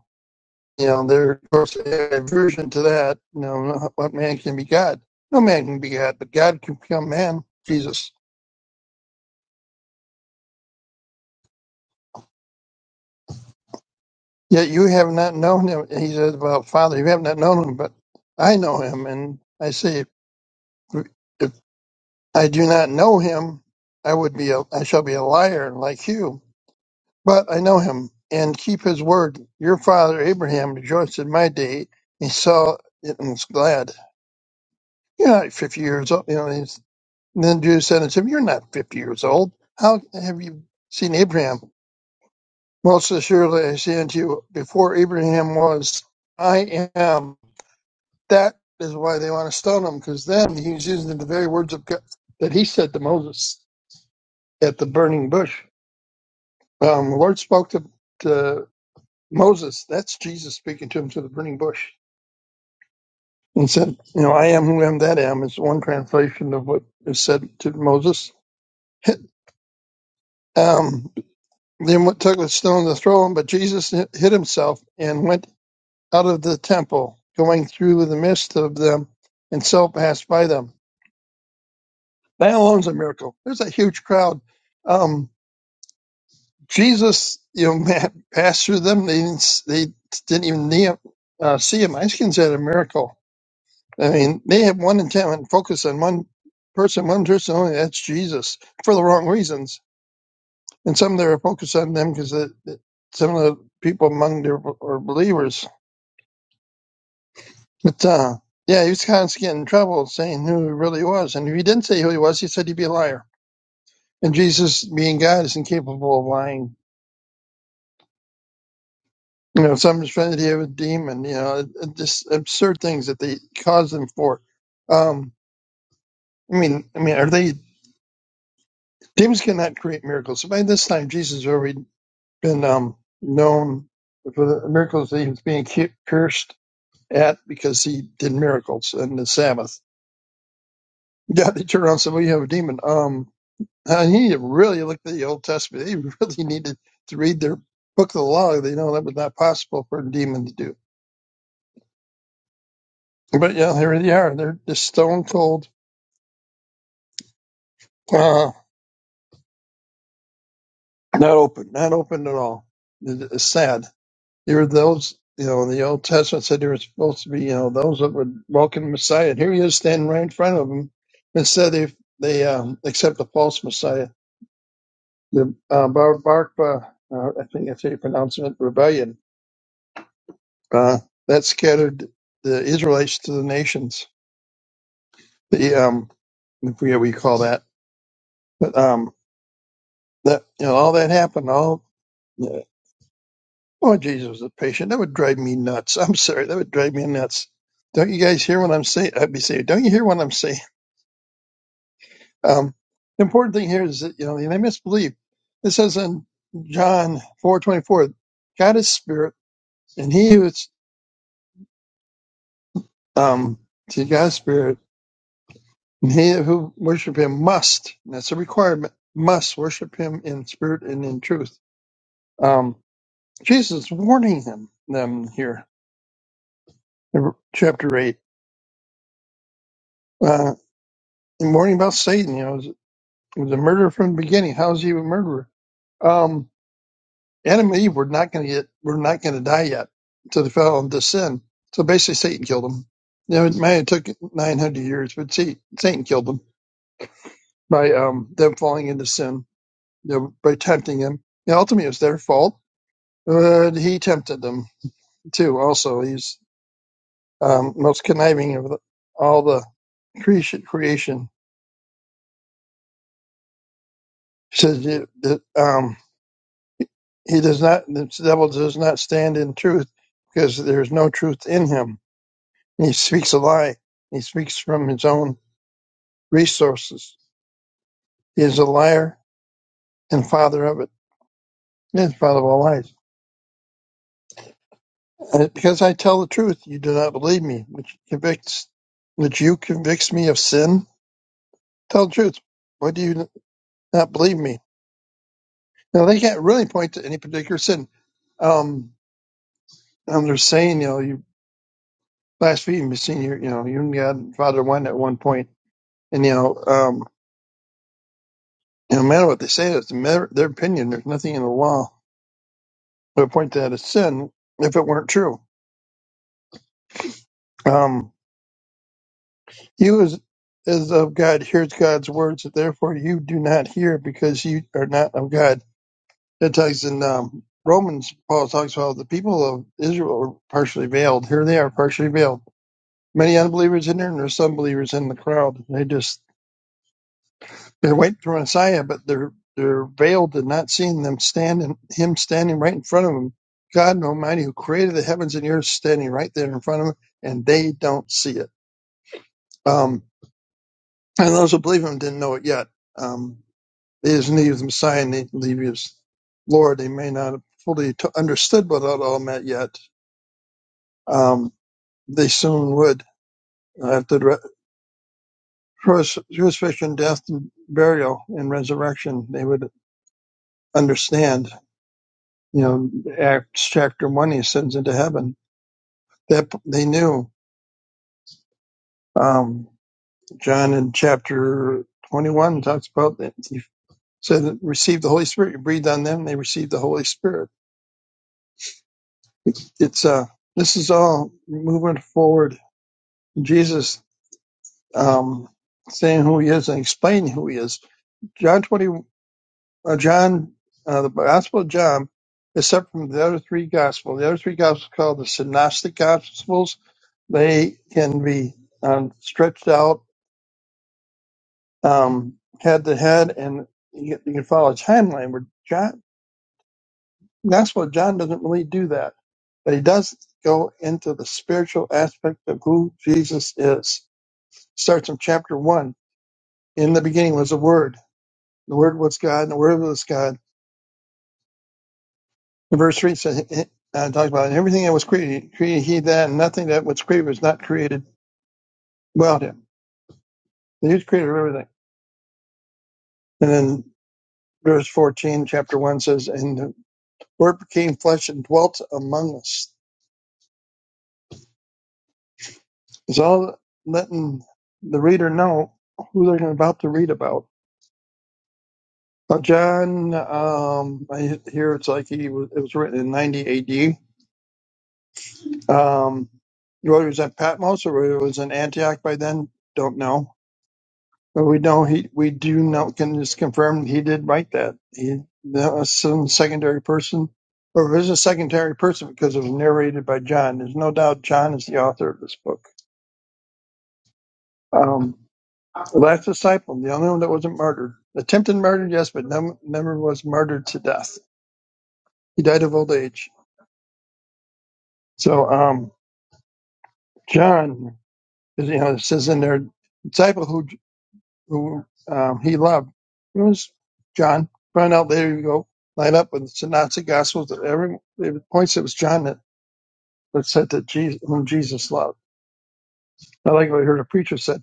You know, there of course aversion to that. You know, no, what man can be God? No man can be God, but God can become man. Jesus. Yet you have not known him. He says, "Well, Father, you have not known him, but I know him." And I say, if, if I do not know him, I would be a, I shall be a liar like you. But I know him and keep his word. Your father Abraham rejoiced in my day. He saw it and was glad. You're fifty years old. You know, And then Judah said unto him, You're not fifty years old. How have you seen Abraham? Most assuredly I say unto you, before Abraham was, I am. That is why they want to stone him, because then he's using the very words of God that he said to Moses at the burning bush. Um, the Lord spoke to, to Moses. That's Jesus speaking to him through the burning bush. And said, You know, I am who am that am is one translation of what is said to Moses. Um, Then what took a stone to throw him, but Jesus hid himself and went out of the temple, going through the midst of them, and so passed by them. That alone's a miracle. There's a huge crowd. Um, Jesus, you know, man, passed through them. They didn't, they didn't even knee him, uh, see him. I just consider that a miracle. I mean, they have one intent and focus on one person, one person only. That's Jesus for the wrong reasons. And some of them are focused on them because some of the people among their are believers But uh, yeah, he was constantly getting in trouble saying who he really was. And if he didn't say who he was, he said he'd be a liar. And Jesus, being God, is incapable of lying. You know, someone's trying to deal with a demon. You know, it- it just absurd things that they cause them for. Um, I mean, I mean, are they demons cannot create miracles? So by this time, Jesus has already been um, known for the miracles that he was being cu- cursed at because he did miracles in the Sabbath. Yeah, they turn around and said, "Well, you have a demon." Um. And he really looked at the Old Testament. He really needed to read their book of the law. They know that was not possible for a demon to do. But yeah, here they are. They're just stone cold, uh, not open, not open at all. It- It's sad. There were those, you know, in the Old Testament said there were supposed to be, you know, those that would welcome the Messiah. And here he is standing right in front of them. Instead, they they um, accept the false Messiah, the uh, Bar Barkba, uh, I think that's how you pronounce it, rebellion Uh, that scattered the Israelites to the nations. The um, I forget what you call that, but um, that you know, all that happened. All uh, oh, Jesus was a patient. That would drive me nuts. I'm sorry, that would drive me nuts. Don't you guys hear what I'm saying? I'd be saying, don't you hear what I'm saying? Um, the important thing here is that you know they misbelieve. It says in John four twenty four, God is spirit, and he who is um to God's spirit. And he who worship him must, and that's a requirement, must worship him in spirit and in truth. Um, Jesus is warning him, them here in chapter 8, uh, and warning about Satan. You know, he was, he was a murderer from the beginning. How is he a murderer? Um, Adam and Eve were not going to get, were not going to die yet. So they fell into sin. So basically Satan killed them. You know, it may have took 900 years, but see, Satan killed them by, um, them falling into sin, you know, by tempting him. And ultimately it was their fault Uh, he tempted them too. Also, he's um, most conniving of the, all the creation. Creation he says you- that um, he does not. The devil does not stand in truth because there is no truth in him. He speaks a lie. He speaks from his own resources. He is a liar and father of it. He is father of all lies. And because I tell the truth, you do not believe me, which convicts, which you convicts me of sin. Tell the truth. Why do you not believe me? Now they can't really point to any particular sin. Um, and they're saying, you know, you blaspheme, you sin, you know, you and God, Father one at one point, point. and you know, um, no matter what they say, it's a matter, their opinion. There's nothing in the law that would point to that as sin if it weren't true. Um, you as is of God hears God's words, so therefore you do not hear because you are not of God. That talks in um, Romans. Paul talks about the people of Israel are partially veiled. Here they are partially veiled many unbelievers in there, and there's some believers in the crowd. They just they're waiting for Messiah, but they're they're veiled and not seeing them standing him standing right in front of them. God Almighty, who created the heavens and the earth, standing right there in front of them, and they don't see it. Um, and those who believe him didn't know it yet. Um, they didn't believe the Messiah, and they didn't believe he was Lord. They may not have fully t- understood what it all meant yet. Um, they soon would uh, after the crucif- crucifixion, death, and burial, and resurrection, they would understand. You know, Acts chapter one, he ascends into heaven. That they knew. Um, John in chapter twenty-one talks about that he said, "Receive the Holy Spirit." You breathed on them; they received the Holy Spirit. It's, it's uh, this is all moving forward. Jesus um, saying who he is and explaining who he is. John 20, uh, John, uh, the Gospel of John, is separate from the other three Gospels. The other three Gospels are called the Synoptic Gospels. They can be um, stretched out um, head to head, and you, you can follow a timeline. Where John, Gospel of John doesn't really do that, but he does go into the spiritual aspect of who Jesus is. Starts in chapter one. In the beginning was the Word. The Word was God, and the Word was God In verse 3 it says, it, uh, talks about everything that was created, created he that, and nothing that was created was not created without him. He was creator of everything. And then verse 14, chapter 1 says, And the word became flesh and dwelt among us. It's all letting the reader know who they're about to read about. Now, John, um, I hear it's like he was, it was written in 90 AD. Um, whether it was at Patmos or whether it was in Antioch by then, don't know But we don't. He we do not can just confirm he did write that. He that was some secondary person, or it was a secondary person because it was narrated by John. There's no doubt John is the author of this book. Um, the last disciple, the only one that wasn't murdered, attempted murder, yes, but num- never was murdered to death. He died of old age. So um, John, you know, it says in there, disciple who who um, he loved. It was John. Found out later you go line up with the Synoptic Gospels that every it points it was John that, that said that Jesus whom Jesus loved. I like what I heard a preacher said.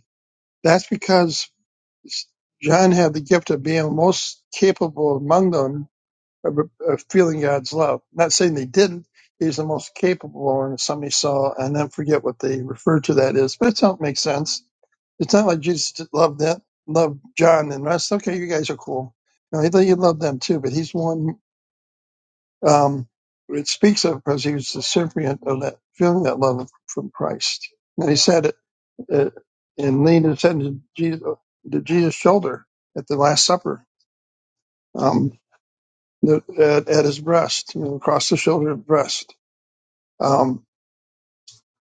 That's because John had the gift of being most capable among them of, of feeling God's love. Not saying they didn't. He's the most capable, and somebody saw, and then forget what they refer to that is. But it don't make sense It's not like Jesus just loved that, loved John and rest. Okay, you guys are cool. No, he, he loved them too, but he's one. Um, it speaks of because he was the recipient of that feeling that love from Christ. And he said it, uh and leaned his head to Jesus, to Jesus' shoulder at the Last Supper, um, at, at his breast, you know, across the shoulder and breast. Um,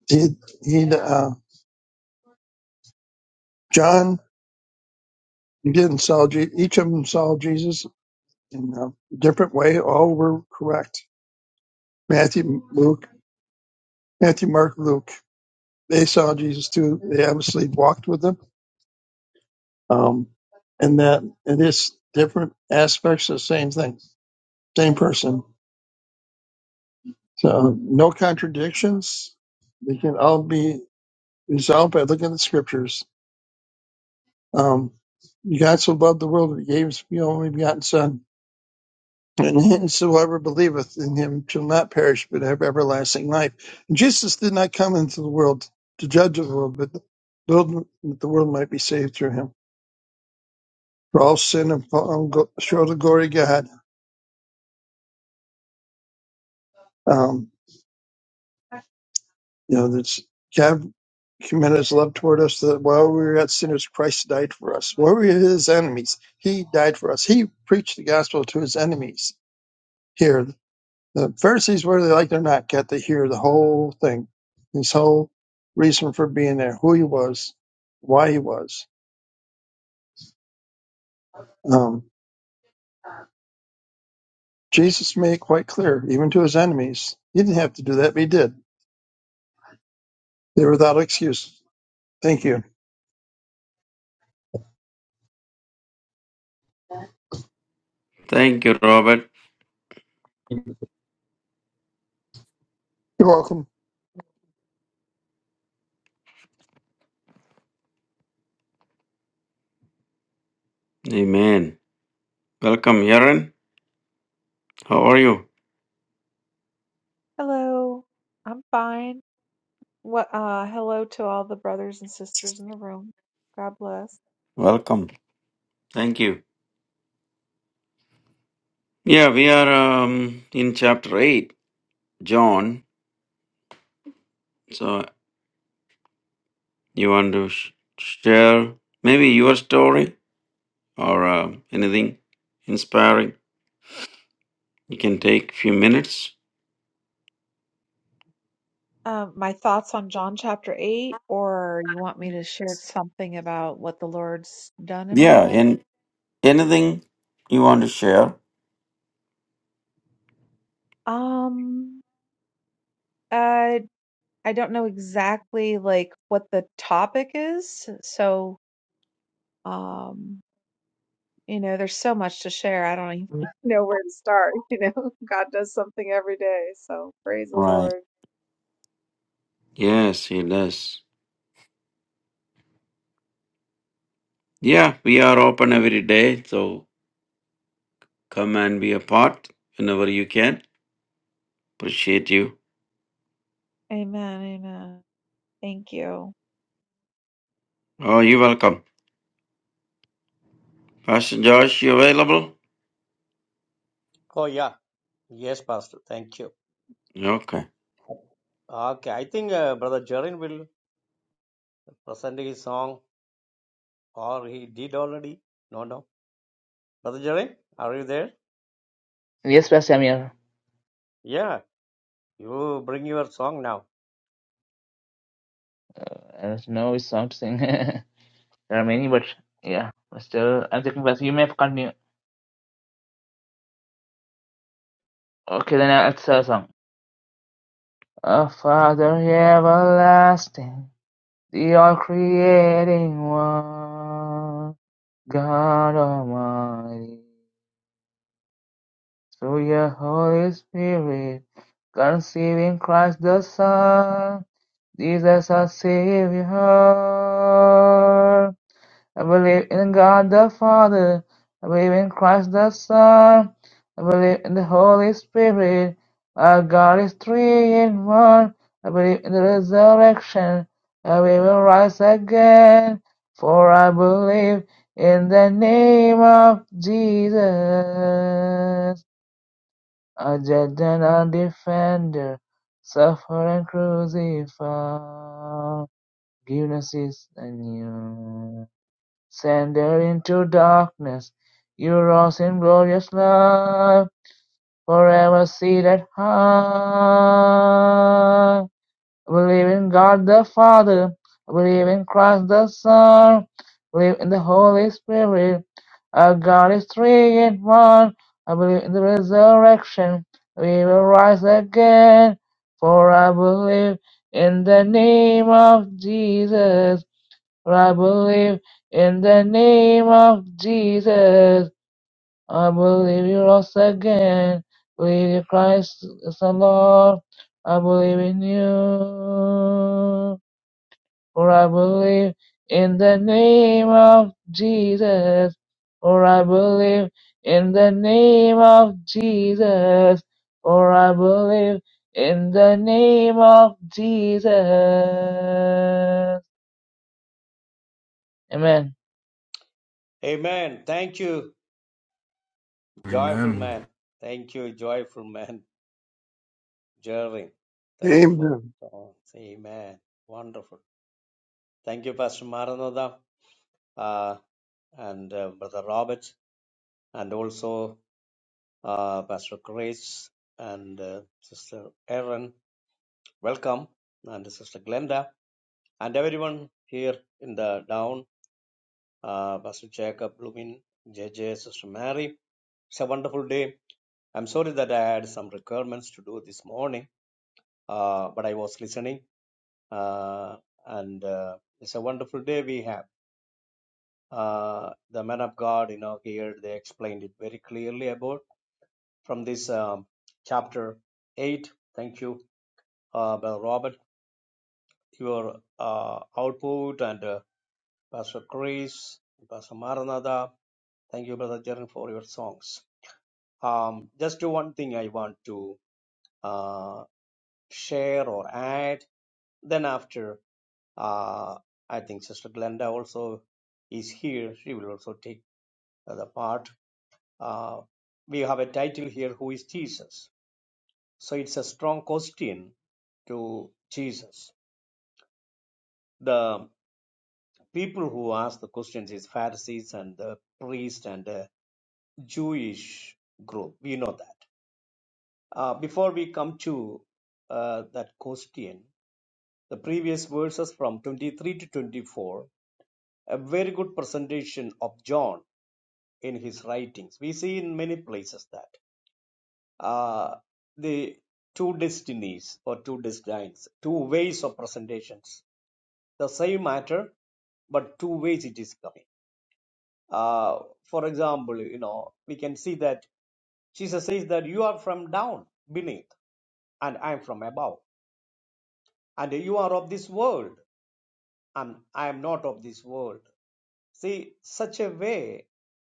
he, he, uh, John didn't saw Je- each of them saw Jesus in a different way. All were correct Matthew, Luke, Matthew, Mark, Luke. They saw Jesus too. They obviously walked with him. Um, and that it is different aspects of the same thing, same person. So no contradictions. They can all be resolved by looking at the scriptures. Um, you God so loved the world that he gave his only begotten son And whensoever believeth in him shall not perish, but have everlasting life. And Jesus did not come into the world to judge the world, but the world, that the world might be saved through him. For all sin and fall go- short of glory of God. Um, you know, that's God commended his love toward us that while we were yet sinners, Christ died for us. While we were his enemies, he died for us. He preached the gospel to his enemies here. The Pharisees, whether they liked it or not, got to hear the whole thing, his whole reason for being there, who he was, why he was. Um, Jesus made it quite clear, even to his enemies. He didn't have to do that, but he did. They were without excuse. Thank you. Thank you, Robert. You're welcome. Amen. Welcome, Yaron. How are you? Hello. I'm fine. What uh hello to all the brothers and sisters in the room. God bless. Welcome. Thank you. Yeah, we are um, in chapter 8, John. So, you want to sh- share maybe your story or uh, anything inspiring? You can take few minutes. Um my thoughts on John chapter 8 or you want me to share something about what the Lord's done in my Yeah, life? and anything you want to share? Um I I don't know exactly like what the topic is. So, um you know, there's so much to share. I don't even know where to start, you know. God does something every day. So, praise the Right. Lord. Yes, he does. Yeah, we are open every day, so come and be a part whenever you can. Appreciate you. Amen. Amen. Thank you. Oh, you're welcome. Pastor Josh, you available? Oh, yeah. Yes, Pastor. Thank you. Okay. Okay. I think uh, Brother Jerin will present his song, or he did already. No, no. Brother Jerin, are you there? Yes, Pastor, I'm here. Yeah. You bring your song now. I don't know which song to sing. There are many, but yeah, still, I'm taking first. You may continue. Okay, then I'll start a song. O Father everlasting, the all creating one, God Almighty, through your Holy Spirit, conceiving Christ the Son, Jesus our Savior. I believe in God the Father. I believe in Christ the Son. I believe in the Holy Spirit. Our God is three in one. I believe in the resurrection. And we will rise again. For I believe in the name of Jesus. A judge and a defender. Suffer and crucify. Forgiveness is anew. Sundered into darkness, you rose in glorious love, forever seated high. I believe in God the Father, I believe in Christ the Son, I believe in the Holy Spirit. Our God is three in one. I believe in the resurrection. We will rise again, for I believe in the name of Jesus. I believe in the name of Jesus. I believe you rose again. Believe in Christ is the Lord. I believe in you. For I believe in the name of Jesus. For I believe in the name of Jesus. For I believe in the name of Jesus. Amen. Amen. Thank you, joyful Amen. man. Thank you, joyful man. Jerry, thank you for Amen. songs. Amen. Wonderful. Thank you, Pastor Maranatha uh, and uh, Brother Robert, and also uh, Pastor Grace and uh, Sister Erin. Welcome, and Sister Glenda, and everyone here in the down, uh, Pastor Jacob, Blumin, JJ, Sister Mary. It's a wonderful day. I'm sorry that I had some requirements to do this morning, uh, but I was listening uh, and uh, it's a wonderful day we have. Uh, the man of God, you know, here they explained it very clearly about from this um, chapter eight. Thank you, uh, Brother Robert, your uh, output, and uh, Pastor Chris, Pastor Maranatha. Thank you, Brother Jaren, for your songs. Um, just do one thing I want to uh, share or add. Then after, uh, I think Sister Glenda also is here. She will also take. the part, uh, we have a title here, Who is Jesus? So it's a strong question to Jesus. The people who ask the questions is Pharisees and the priest and the Jewish group. We know that. Uh, before we come to uh, that question, the previous verses from 23 to 24, a very good presentation of John in his writings. We see in many places that. uh, the two destinies or two designs, two ways of presentations. The same matter, but two ways it is coming. Uh, for example, you know, we can see that Jesus says that you are from down beneath and I'm from above and you are of this world and I am not of this world. See, such a way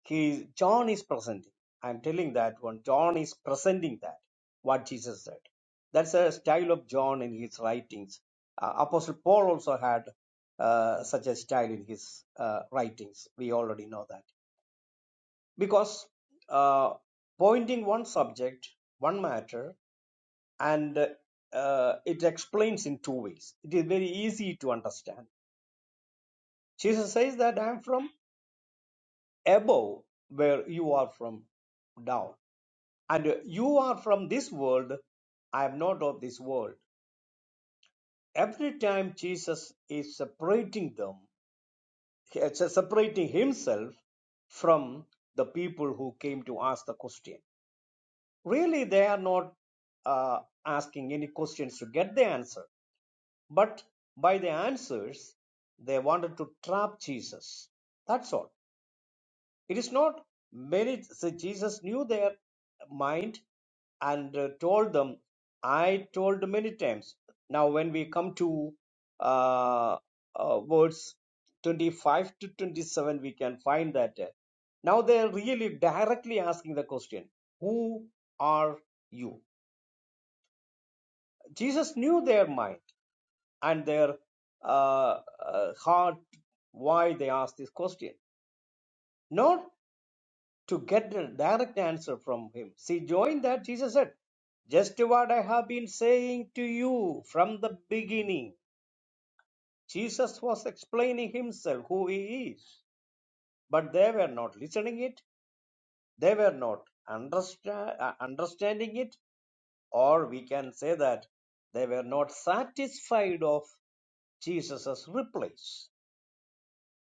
he John is presenting. I'm telling that one. John is presenting that what Jesus said. That's a style of John in his writings. Uh, Apostle Paul also had uh, such a style in his uh, writings. We already know that because uh, pointing one subject, one matter, and uh, it explains in two ways. It is very easy to understand. Jesus says that I'm from above where you are from down. And you are from this world, I am not of this world. Every time Jesus is separating them, it's separating himself from the people who came to ask the question. Really, they are not uh, asking any questions to get the answer, but by the answers, they wanted to trap Jesus. That's all It is not many. So Jesus knew their mind and uh, told them, I told many times. Now, when we come to uh, uh, verse 25 to 27, we can find that. uh, Now they are really directly asking the question, Who are you? Jesus knew their mind and their uh, uh, heart, why they asked this question. Not to get a direct answer from him. See, join that, Jesus said, just what I have been saying to you from the beginning. Jesus was explaining himself, who he is, but they were not listening it, they were not understand, uh, understanding it, or we can say that they were not satisfied of Jesus' replies.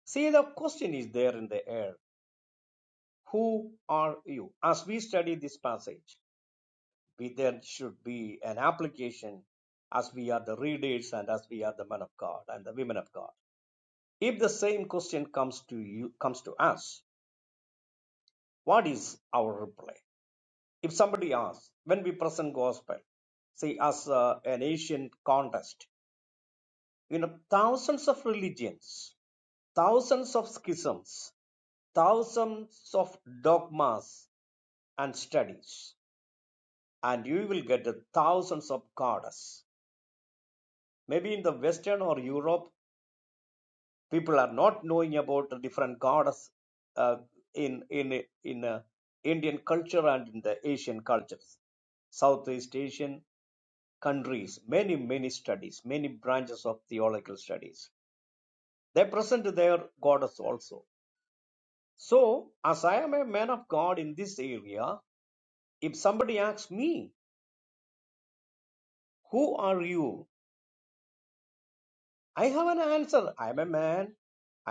See, the question is there in the air. Who are you? As we study this passage, we there should be an application as we are the readers and as we are the men of God and the women of God. If the same question comes to you comes to us, what is our reply? If somebody asks, when we present gospel, say as uh, an Asian contest, you know, thousands of religions, thousands of schisms, thousands of dogmas and studies, and you will get the thousands of goddess. Maybe in the Western or Europe, people are not knowing about the different goddess uh, in in in uh, Indian culture and in the Asian cultures, Southeast Asian countries. Many many studies, many branches of theological studies. They present their goddess also. So, as I am a man of God in this area, if somebody asks me, "Who are you?" I have an answer. I am a man.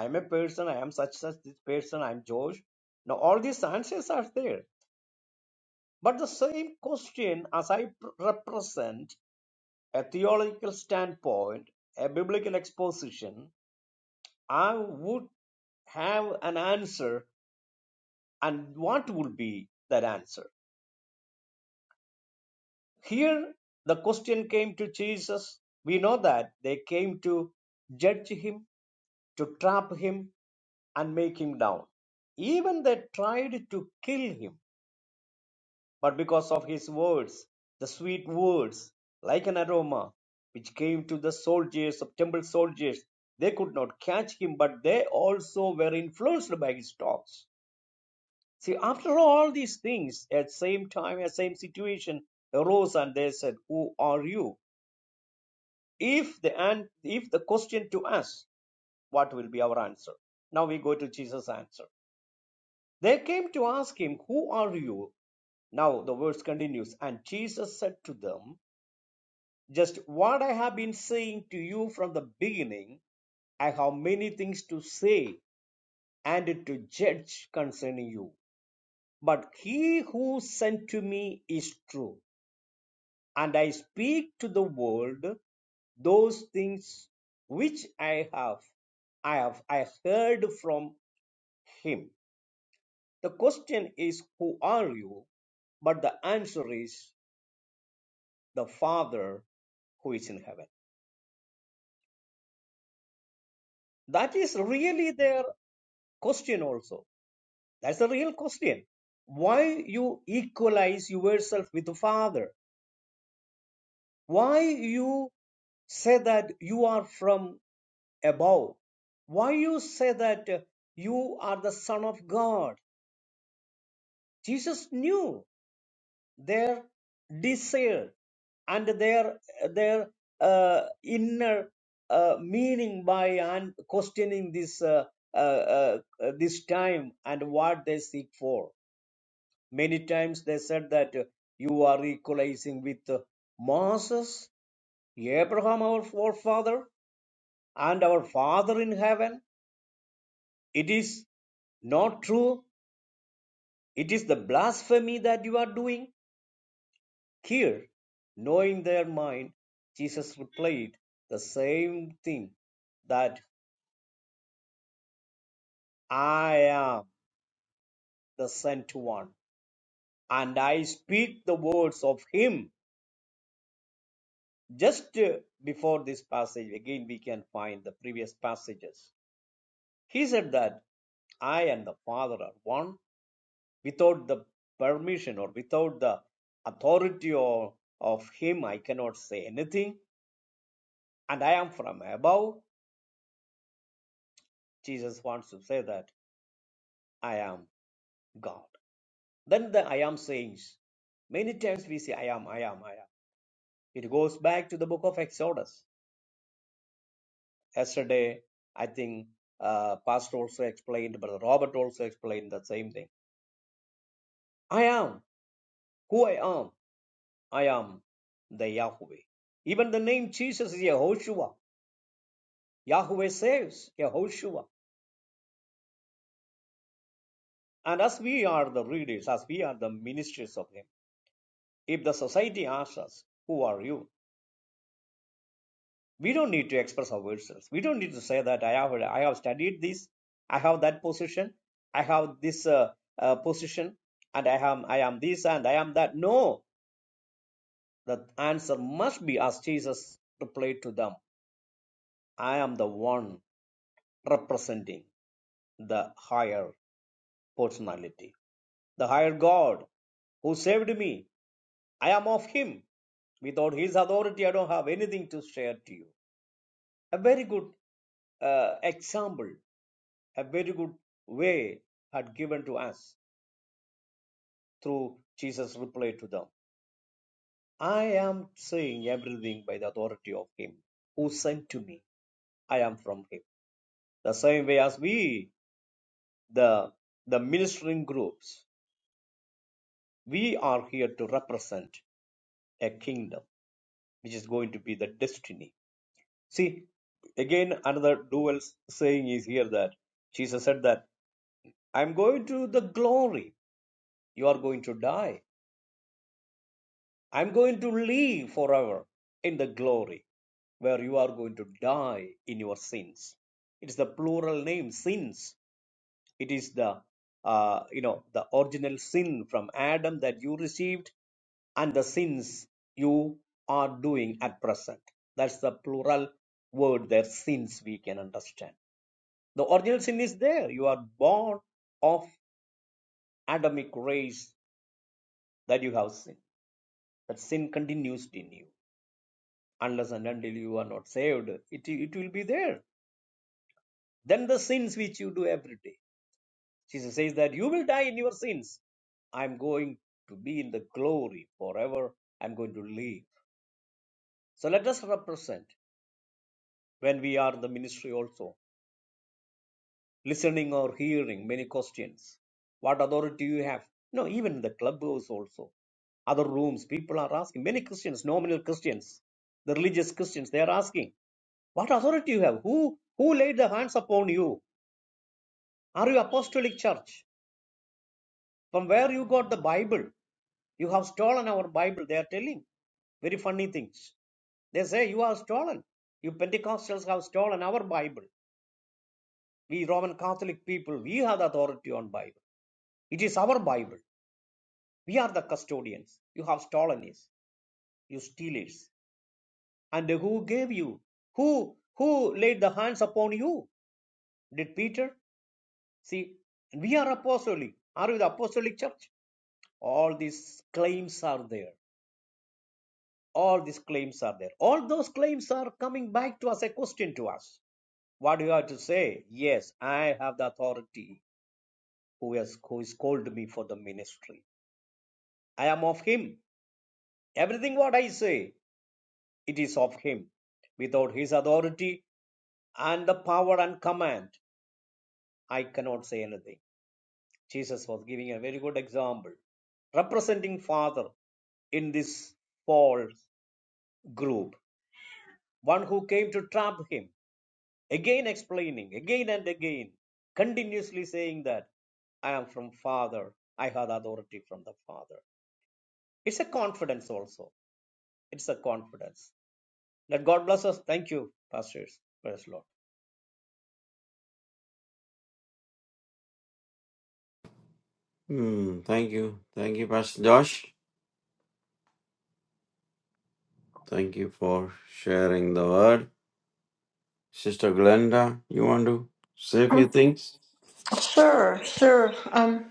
I am a person. I am such such this person. I am Josh. Now all these answers are there But the same question, as I pr- represent a theological standpoint, a biblical exposition, I would have an answer, and what would be that answer? Here, the question came to Jesus. We know that they came to judge him, to trap him, and make him down. Even they tried to kill him but because of his words, the sweet words, like an aroma, which came to the soldiers of temple soldiers, they could not catch him, but they also were influenced by his talks. See, after all these things, at same time, at same situation, arose and they said, "Who are you?" If the and if the question to us, what will be our answer? Now we go to Jesus' answer. They came to ask him, "Who are you?" Now the verse continues, and Jesus said to them, Just what I have been saying to you from the beginning, I have many things to say and to judge concerning you. But he who sent to me is true, and I speak to the world those things which I have I have I heard from him. The question is who are you? But the answer is the Father who is in heaven. That is really their question also That's the real question. Why you equalize yourself with the Father? Why you say that you are from above? Why you say that uh, you are the Son of God? Jesus knew their desire and their their uh, inner uh, meaning by and questioning this uh, uh, uh, uh, this time and what they seek for. Many times they said that uh, you are equalizing with uh, Moses, Abraham, our forefather, and our Father in heaven. It is not true. It is the blasphemy that you are doing. Here, knowing their mind, Jesus replied the same thing that I am the sent one, and I speak the words of him. Just uh, before this passage, again, we can find the previous passages. He said that I and the Father are one without the permission or without the authority or, of Him, I cannot say anything, and I am from above. Jesus wants to say that I am God. Then the I am sayings. Many times we say, I am, I am, I am. It goes back to the book of Exodus. Yesterday, I think uh, Pastor also explained, Brother Robert also explained the same thing. I am who I am. I am the Yahweh. Even the name Jesus is Yehoshua. Yahweh saves Yehoshua. And as we are the readers, as we are the ministers of Him, if the society asks us, Who are you? We don't need to express ourselves. We don't need to say that I have, I have studied this, I have that position, I have this uh, uh, position, and I am, I am this and I am that. No, the answer must be as Jesus replied to them I am the one representing the higher personality. The higher God who saved me, I am of Him. Without His authority, I don't have anything to share to you. A very good uh, example, a very good way had given to us through Jesus' reply to them. I am saying everything by the authority of Him who sent to me. I am from Him. The same way as we, the the ministering groups, we are here to represent a kingdom. which is going to be the destiny. See, again, another dual saying is here that Jesus said that I'm going to the glory, you are going to die. I'm going to live forever in the glory where you are going to die in your sins. It is the plural name, sins. It is the uh, you know the original sin from Adam that you received and the sins you are doing at present. That's the plural word there, sins we can understand. The original sin is there. You are born of Adamic race that you have sinned. That sin continues in you. Unless and until you are not saved, it, it will be there. Then the sins which you do every day. Jesus says that you will die in your sins. I'm going to be in the glory forever. I'm going to live. So let us represent when we are the ministry also. listening or hearing many questions. What authority you have? No, even in the clubhouse also. Other rooms, people are asking. Many Christians, nominal Christians, the religious Christians, they are asking, What authority you have? Who who laid the hands upon you? Are you apostolic church? From where you got the Bible? You have stolen our Bible, they are telling. Very funny things. They say you are stolen. You Pentecostals have stolen our Bible. We Roman Catholic people, we have the authority on Bible. It is our Bible. We are the custodians. You have stolen it, you steal it. And who gave you? Who who laid the hands upon you? Did Peter? See, we are apostolic. Are we the apostolic church? All these claims are there. All these claims are there. All those claims are coming back to us, a question to us. What do you have to say? Yes, I have the authority who has who has called me for the ministry. I am of him. Everything what I say, it is of him. Without his authority, and the power and command, I cannot say anything. Jesus was giving a very good example, representing Father in this false group. One who came to trap him, again explaining, again and again, continuously saying that I am from Father, I have authority from the Father. It's a confidence also. It's a confidence. Let God bless us. Thank you, pastors. Praise the Lord. Hmm. Thank you. Thank you, Pastor Josh. Thank you for sharing the word. Sister Glenda, you want to say a few things? Sure, sure. Um,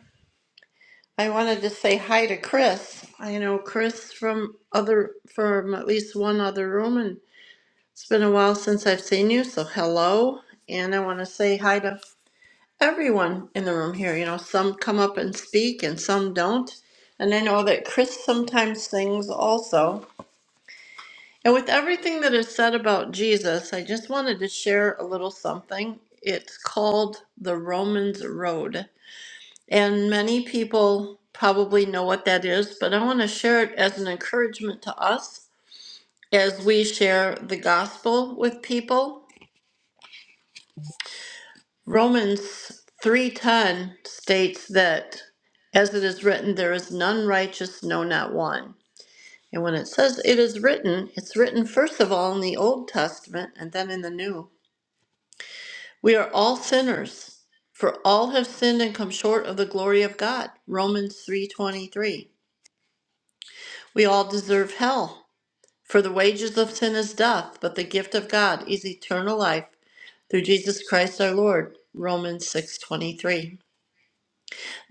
I wanted to say hi to Chris. I know Chris from other from at least one other room, and it's been a while since I've seen you, so hello. And I want to say hi to everyone in the room here. You know, some come up and speak and some don't. And I know that Chris sometimes sings also. And with everything that is said about Jesus, I just wanted to share a little something. It's called the Romans Road. And many people probably know what that is, but I want to share it as an encouragement to us as we share the gospel with people. Romans 3:10 states that as it is written there is none righteous no not one. And when it says it is written, it's written first of all in the Old Testament and then in the New. We are all sinners, for all have sinned and come short of the glory of God. Romans 3:23. We all deserve hell. For the wages of sin is death, but the gift of God is eternal life through Jesus Christ our Lord. Romans 6:23.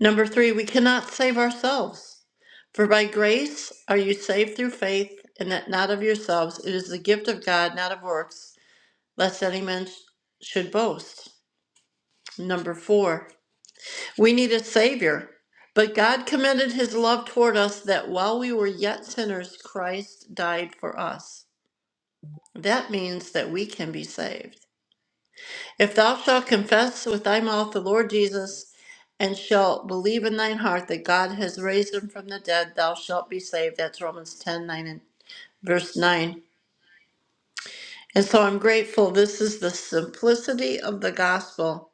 Number 3, we cannot save ourselves. For by grace are you saved through faith, and that not of yourselves, it is the gift of God, not of works, lest any man sh- should boast. Number 4, we need a savior. But God commended his love toward us that while we were yet sinners Christ died for us. That means that we can be saved. If thou shalt confess with thy mouth the Lord Jesus, and shalt believe in thine heart that God has raised him from the dead, thou shalt be saved. That's Romans 10 9 and verse 9. And so I'm grateful. This is the simplicity of the gospel.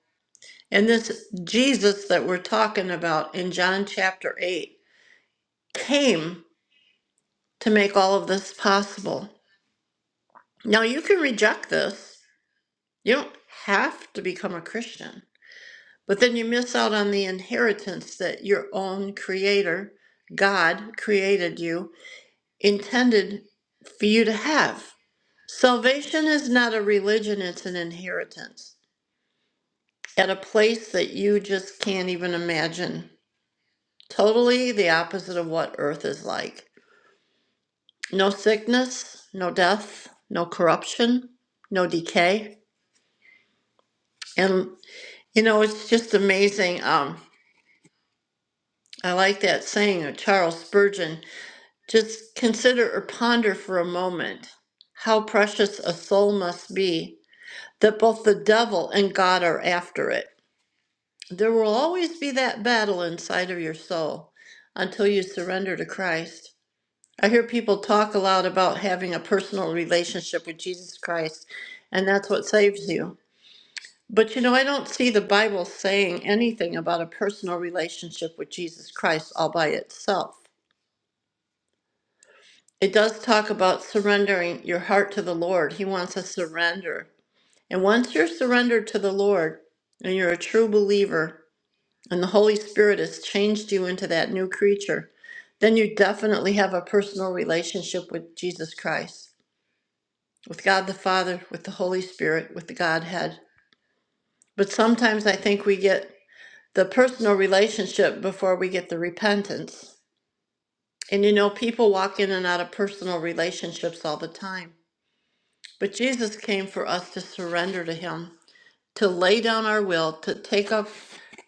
And this Jesus that we're talking about in John chapter 8 came to make all of this possible. Now, you can reject this, you don't have to become a Christian. But then you miss out on the inheritance that your own creator, God, created you, intended for you to have. Salvation is not a religion, it's an inheritance at a place that you just can't even imagine. Totally the opposite of what earth is like. No sickness, no death, no corruption, no decay. And you know, it's just amazing. Um, I like that saying of Charles Spurgeon Just consider or ponder for a moment how precious a soul must be that both the devil and God are after it. There will always be that battle inside of your soul until you surrender to Christ. I hear people talk a lot about having a personal relationship with Jesus Christ, and that's what saves you. But you know, I don't see the Bible saying anything about a personal relationship with Jesus Christ all by itself. It does talk about surrendering your heart to the Lord. He wants a surrender. And once you're surrendered to the Lord and you're a true believer and the Holy Spirit has changed you into that new creature, then you definitely have a personal relationship with Jesus Christ, with God the Father, with the Holy Spirit, with the Godhead. But sometimes I think we get the personal relationship before we get the repentance. And you know, people walk in and out of personal relationships all the time. But Jesus came for us to surrender to him, to lay down our will, to take up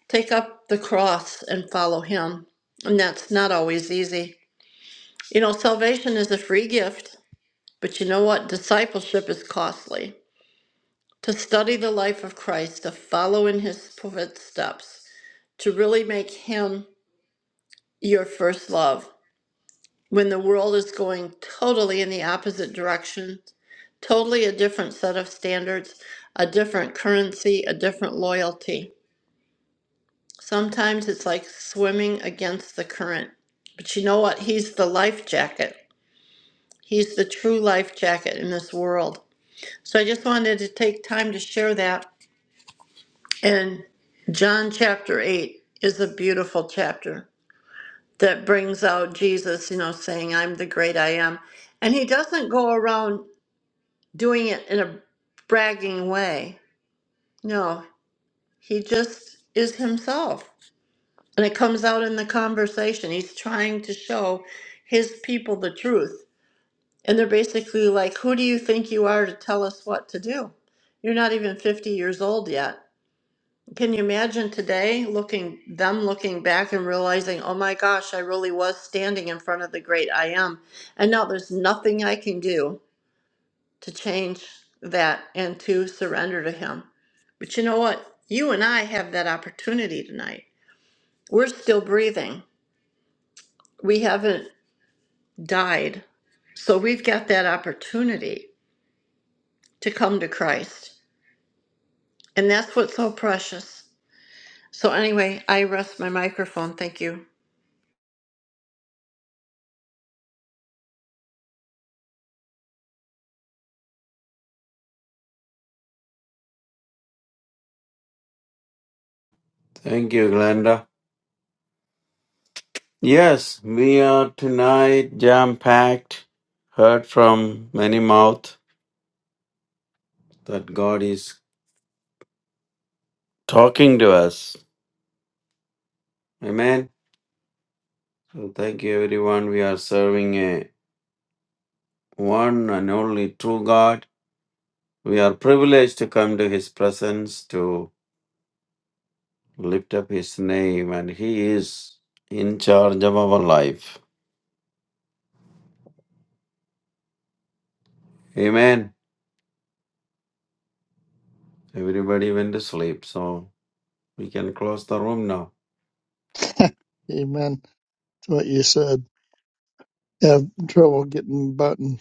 take up the cross and follow him. And that's not always easy. You know, salvation is a free gift, but you know what? Discipleship is costly. To study the life of Christ, to follow in his footsteps, to really make him your first love. When the world is going totally in the opposite direction, Totally a different set of standards, a different currency, a different loyalty. Sometimes it's like swimming against the current. But you know what? He's the life jacket. He's the true life jacket in this world. So I just wanted to take time to share that. And John chapter 8 is a beautiful chapter that brings out Jesus, you know, saying, I'm the great I am. And he doesn't go around doing it in a bragging way. No, He just is himself. And it comes out in the conversation. He's trying to show his people the truth. And they're basically like, Who do you think you are to tell us what to do? You're not even 50 years old yet. Can you imagine today looking them looking back and realizing, oh my gosh, I really was standing in front of the great I am. And now there's nothing I can do to change that and to surrender to him. But you know what? You and I have that opportunity tonight. We're still breathing. We haven't died. So we've got that opportunity to come to Christ. And that's what's so precious. So, anyway, I rest my microphone. Thank you. Thank you, Glenda. Yes, we are tonight jam packed. Heard from many mouth that God is talking to us. Amen. So thank you, everyone. We are serving a one and only true God. We are privileged to come to His presence to Lift up His name, and He is in charge of our life. Amen. Everybody went to sleep, so we can close the room now. Amen to what you said. Have trouble getting the button.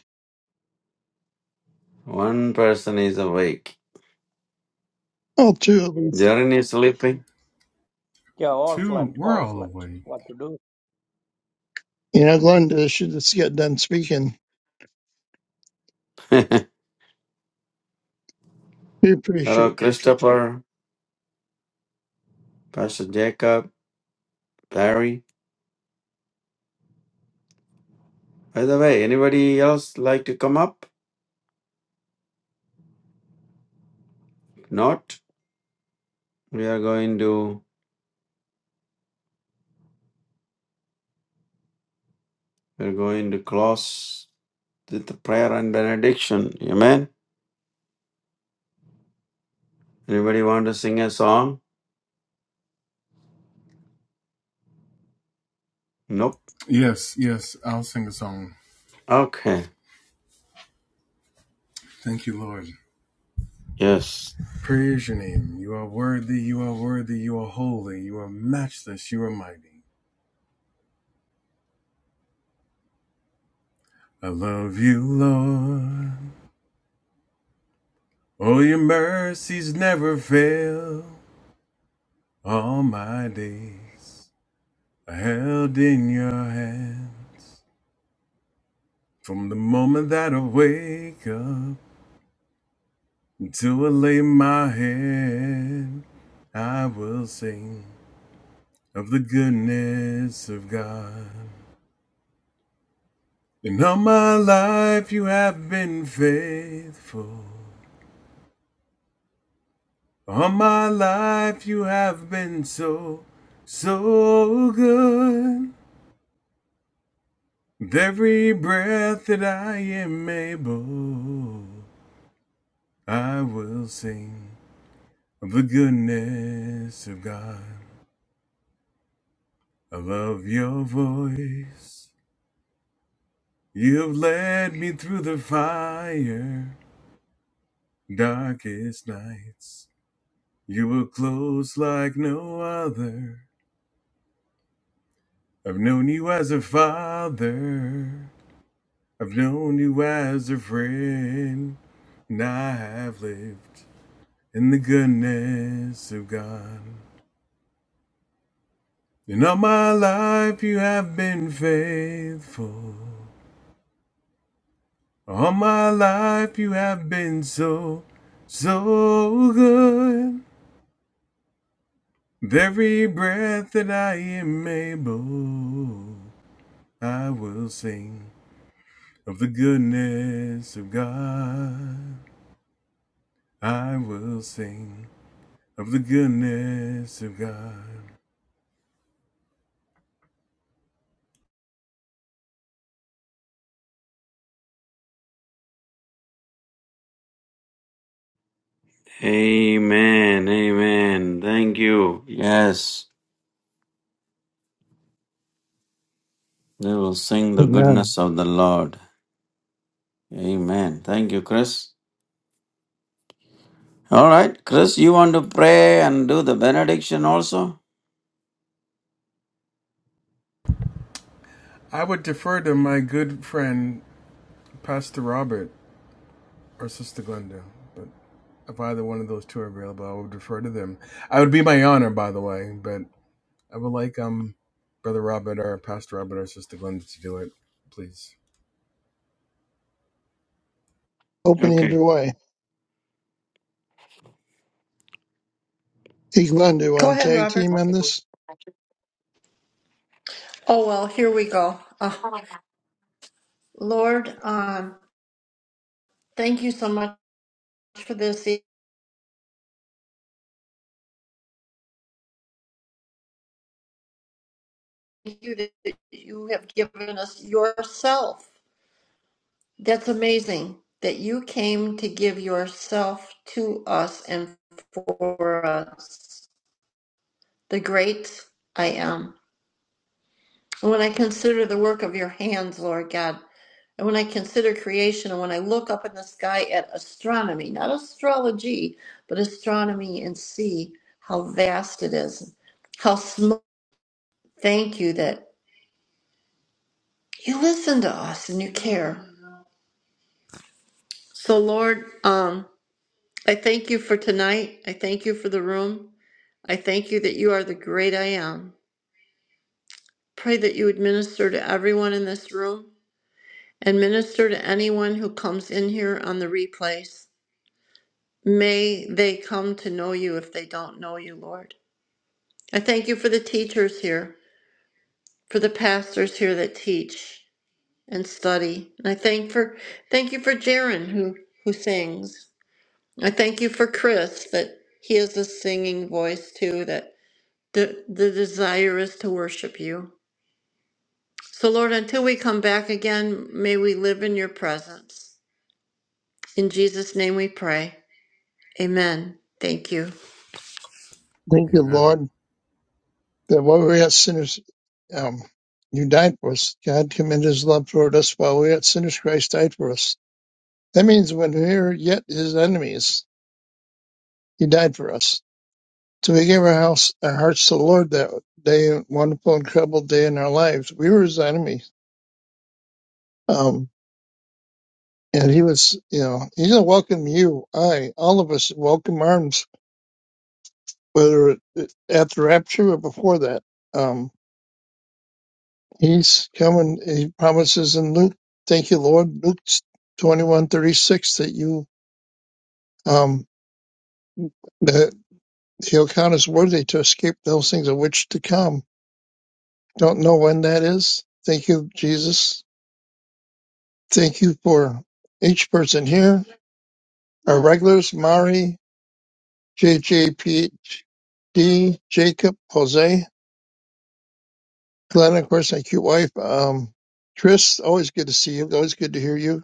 One person is awake. All two of us. Jaren is sleeping. Yeah, all Two, slept, we're all all slept. awake. What to do? You know, Glenda should just get done speaking. Hello, We appreciate you. Christopher, Pastor Jacob, Barry. By the way, anybody else like to come up? Not. We are going to we're going to close with the prayer and benediction. Amen. Anybody want to sing a song? Nope. Yes, yes, I'll sing a song. Okay. Thank you, Lord. Yes. Praise your name. You are worthy, you are worthy, you are holy, you are matchless, you are mighty. I love you, Lord. Oh, your mercies never fail all my days. I held in your hands from the moment that I wake up until I lay my head. I will sing of the goodness of God. And all my life you have been faithful. All my life you have been so, so good. With every breath that I am able, I will sing of the goodness of God. I love your voice. You have led me through the fire, darkest nights. You were close like no other. I've known you as a father. I've known you as a friend. And I have lived in the goodness of God. And all my life you have been faithful. All my life you have been so, so good. With every breath that I am able, I will sing of the goodness of God. I will sing of the goodness of God. Amen. Amen. Thank you. Yes. they will sing the Amen. goodness of the Lord. Amen. Thank you, Chris. All right. Chris, you want to pray and do the benediction also? I would defer to my good friend, Pastor Robert or Sister Glenda, but if either one of those two are available, I would defer to them. I would be my honor, by the way, but I would like um Brother Robert or Pastor Robert or Sister Glenda to do it, please. Opening Okay. the way. Hey, Glenda, Go want to ahead, tag Robert. team on this? Oh, well, here we go. Oh, Lord, um, thank you so much for this. Thank you that you have given us yourself. That's amazing that you came to give yourself to us and for us. the great I am. And when I consider the work of your hands, Lord God, and when I consider creation, and when I look up in the sky at astronomy, not astrology, but astronomy, and see how vast it is, how small. Thank you that you listen to us and you care. So, Lord, um, I thank you for tonight. I thank you for the room. I thank you that you are the great I am. Pray that you would minister to everyone in this room and minister to anyone who comes in here on the replays. May they come to know you if they don't know you, Lord. I thank you for the teachers here, for the pastors here that teach and study. And I thank for thank you for Jaron who who sings. I thank you for Chris that he has a singing voice too that the, the desire is to worship you. So Lord, until we come back again, may we live in your presence. In Jesus' name we pray. Amen. Thank you. Thank you, Amen. Lord, that while we were yet sinners, um, you died for us. God commended his love toward us while we were yet sinners, Christ died for us. That means when we were yet his enemies, he died for us. So we gave our house, our hearts to the Lord that day, wonderful, incredible day in our lives. We were his enemy. Um, and he was, you know, he's going to welcome you, I, all of us, in welcome arms, whether it- at the rapture or before that. Um, He's coming. He promises in Luke, thank you, Lord, Luke twenty-one thirty-six, that you um that he'll count as worthy to escape those things of which to come. Don't know when that is. Thank you, Jesus. Thank you for each person here. Our regulars, Mari, JJPD, Jacob, Jose, Glenn, of course, my cute wife. Um, Chris, always good to see you. Always good to hear you.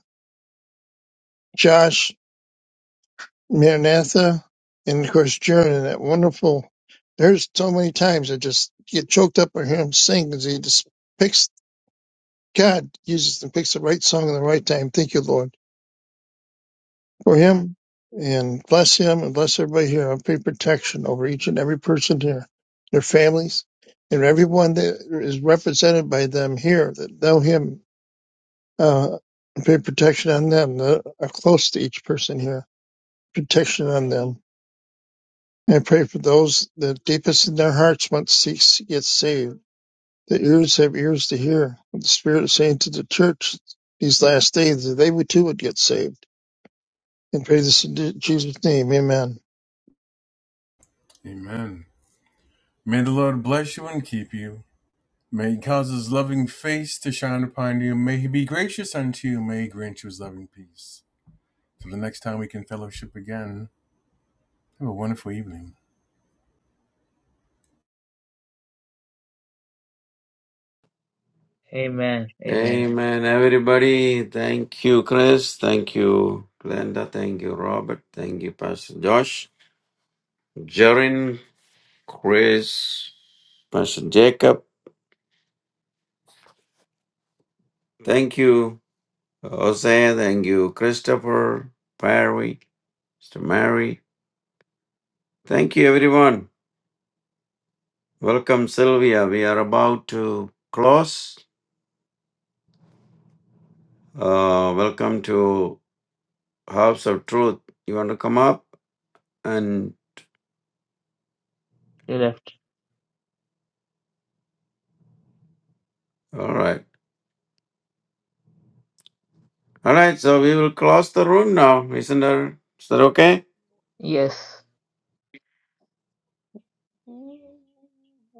Josh, Maranatha, and of course Jern and that wonderful. There's so many times I just get choked up and hear him sing 'cause he just picks God uses and picks the right song at the right time. Thank you, Lord, for him and bless him and bless everybody here. I pray protection over each and every person here, their families, and everyone that is represented by them here that know him. Uh, I pray protection on them that are close to each person here. Protection on them I pray for those that deepest in their hearts want to seek to get saved. The ears have ears to hear what the Spirit is saying to the church these last days, that they would too would get saved. And pray this in Jesus' name. Amen. Amen. May the Lord bless you and keep you. May he cause his loving face to shine upon you. May he be gracious unto you. May he grant you his loving peace. Till the next time we can fellowship again, have a wonderful evening. Amen. Amen. Amen. Everybody, thank you, Chris. Thank you, Glenda. Thank you, Robert. Thank you, Pastor Josh, Jarin, Chris, Pastor Jacob. Thank you. Jose, thank you, Christopher, Perry, Mr. Mary. Thank you, everyone. Welcome, Sylvia. We are about to close. Uh, welcome to House of Truth. You want to come up? And She left. all right. All right, so we will close the room now. Isn't that, is that okay? Yes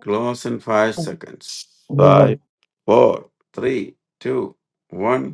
Close in five seconds. Amen. Five, four, three, two, one.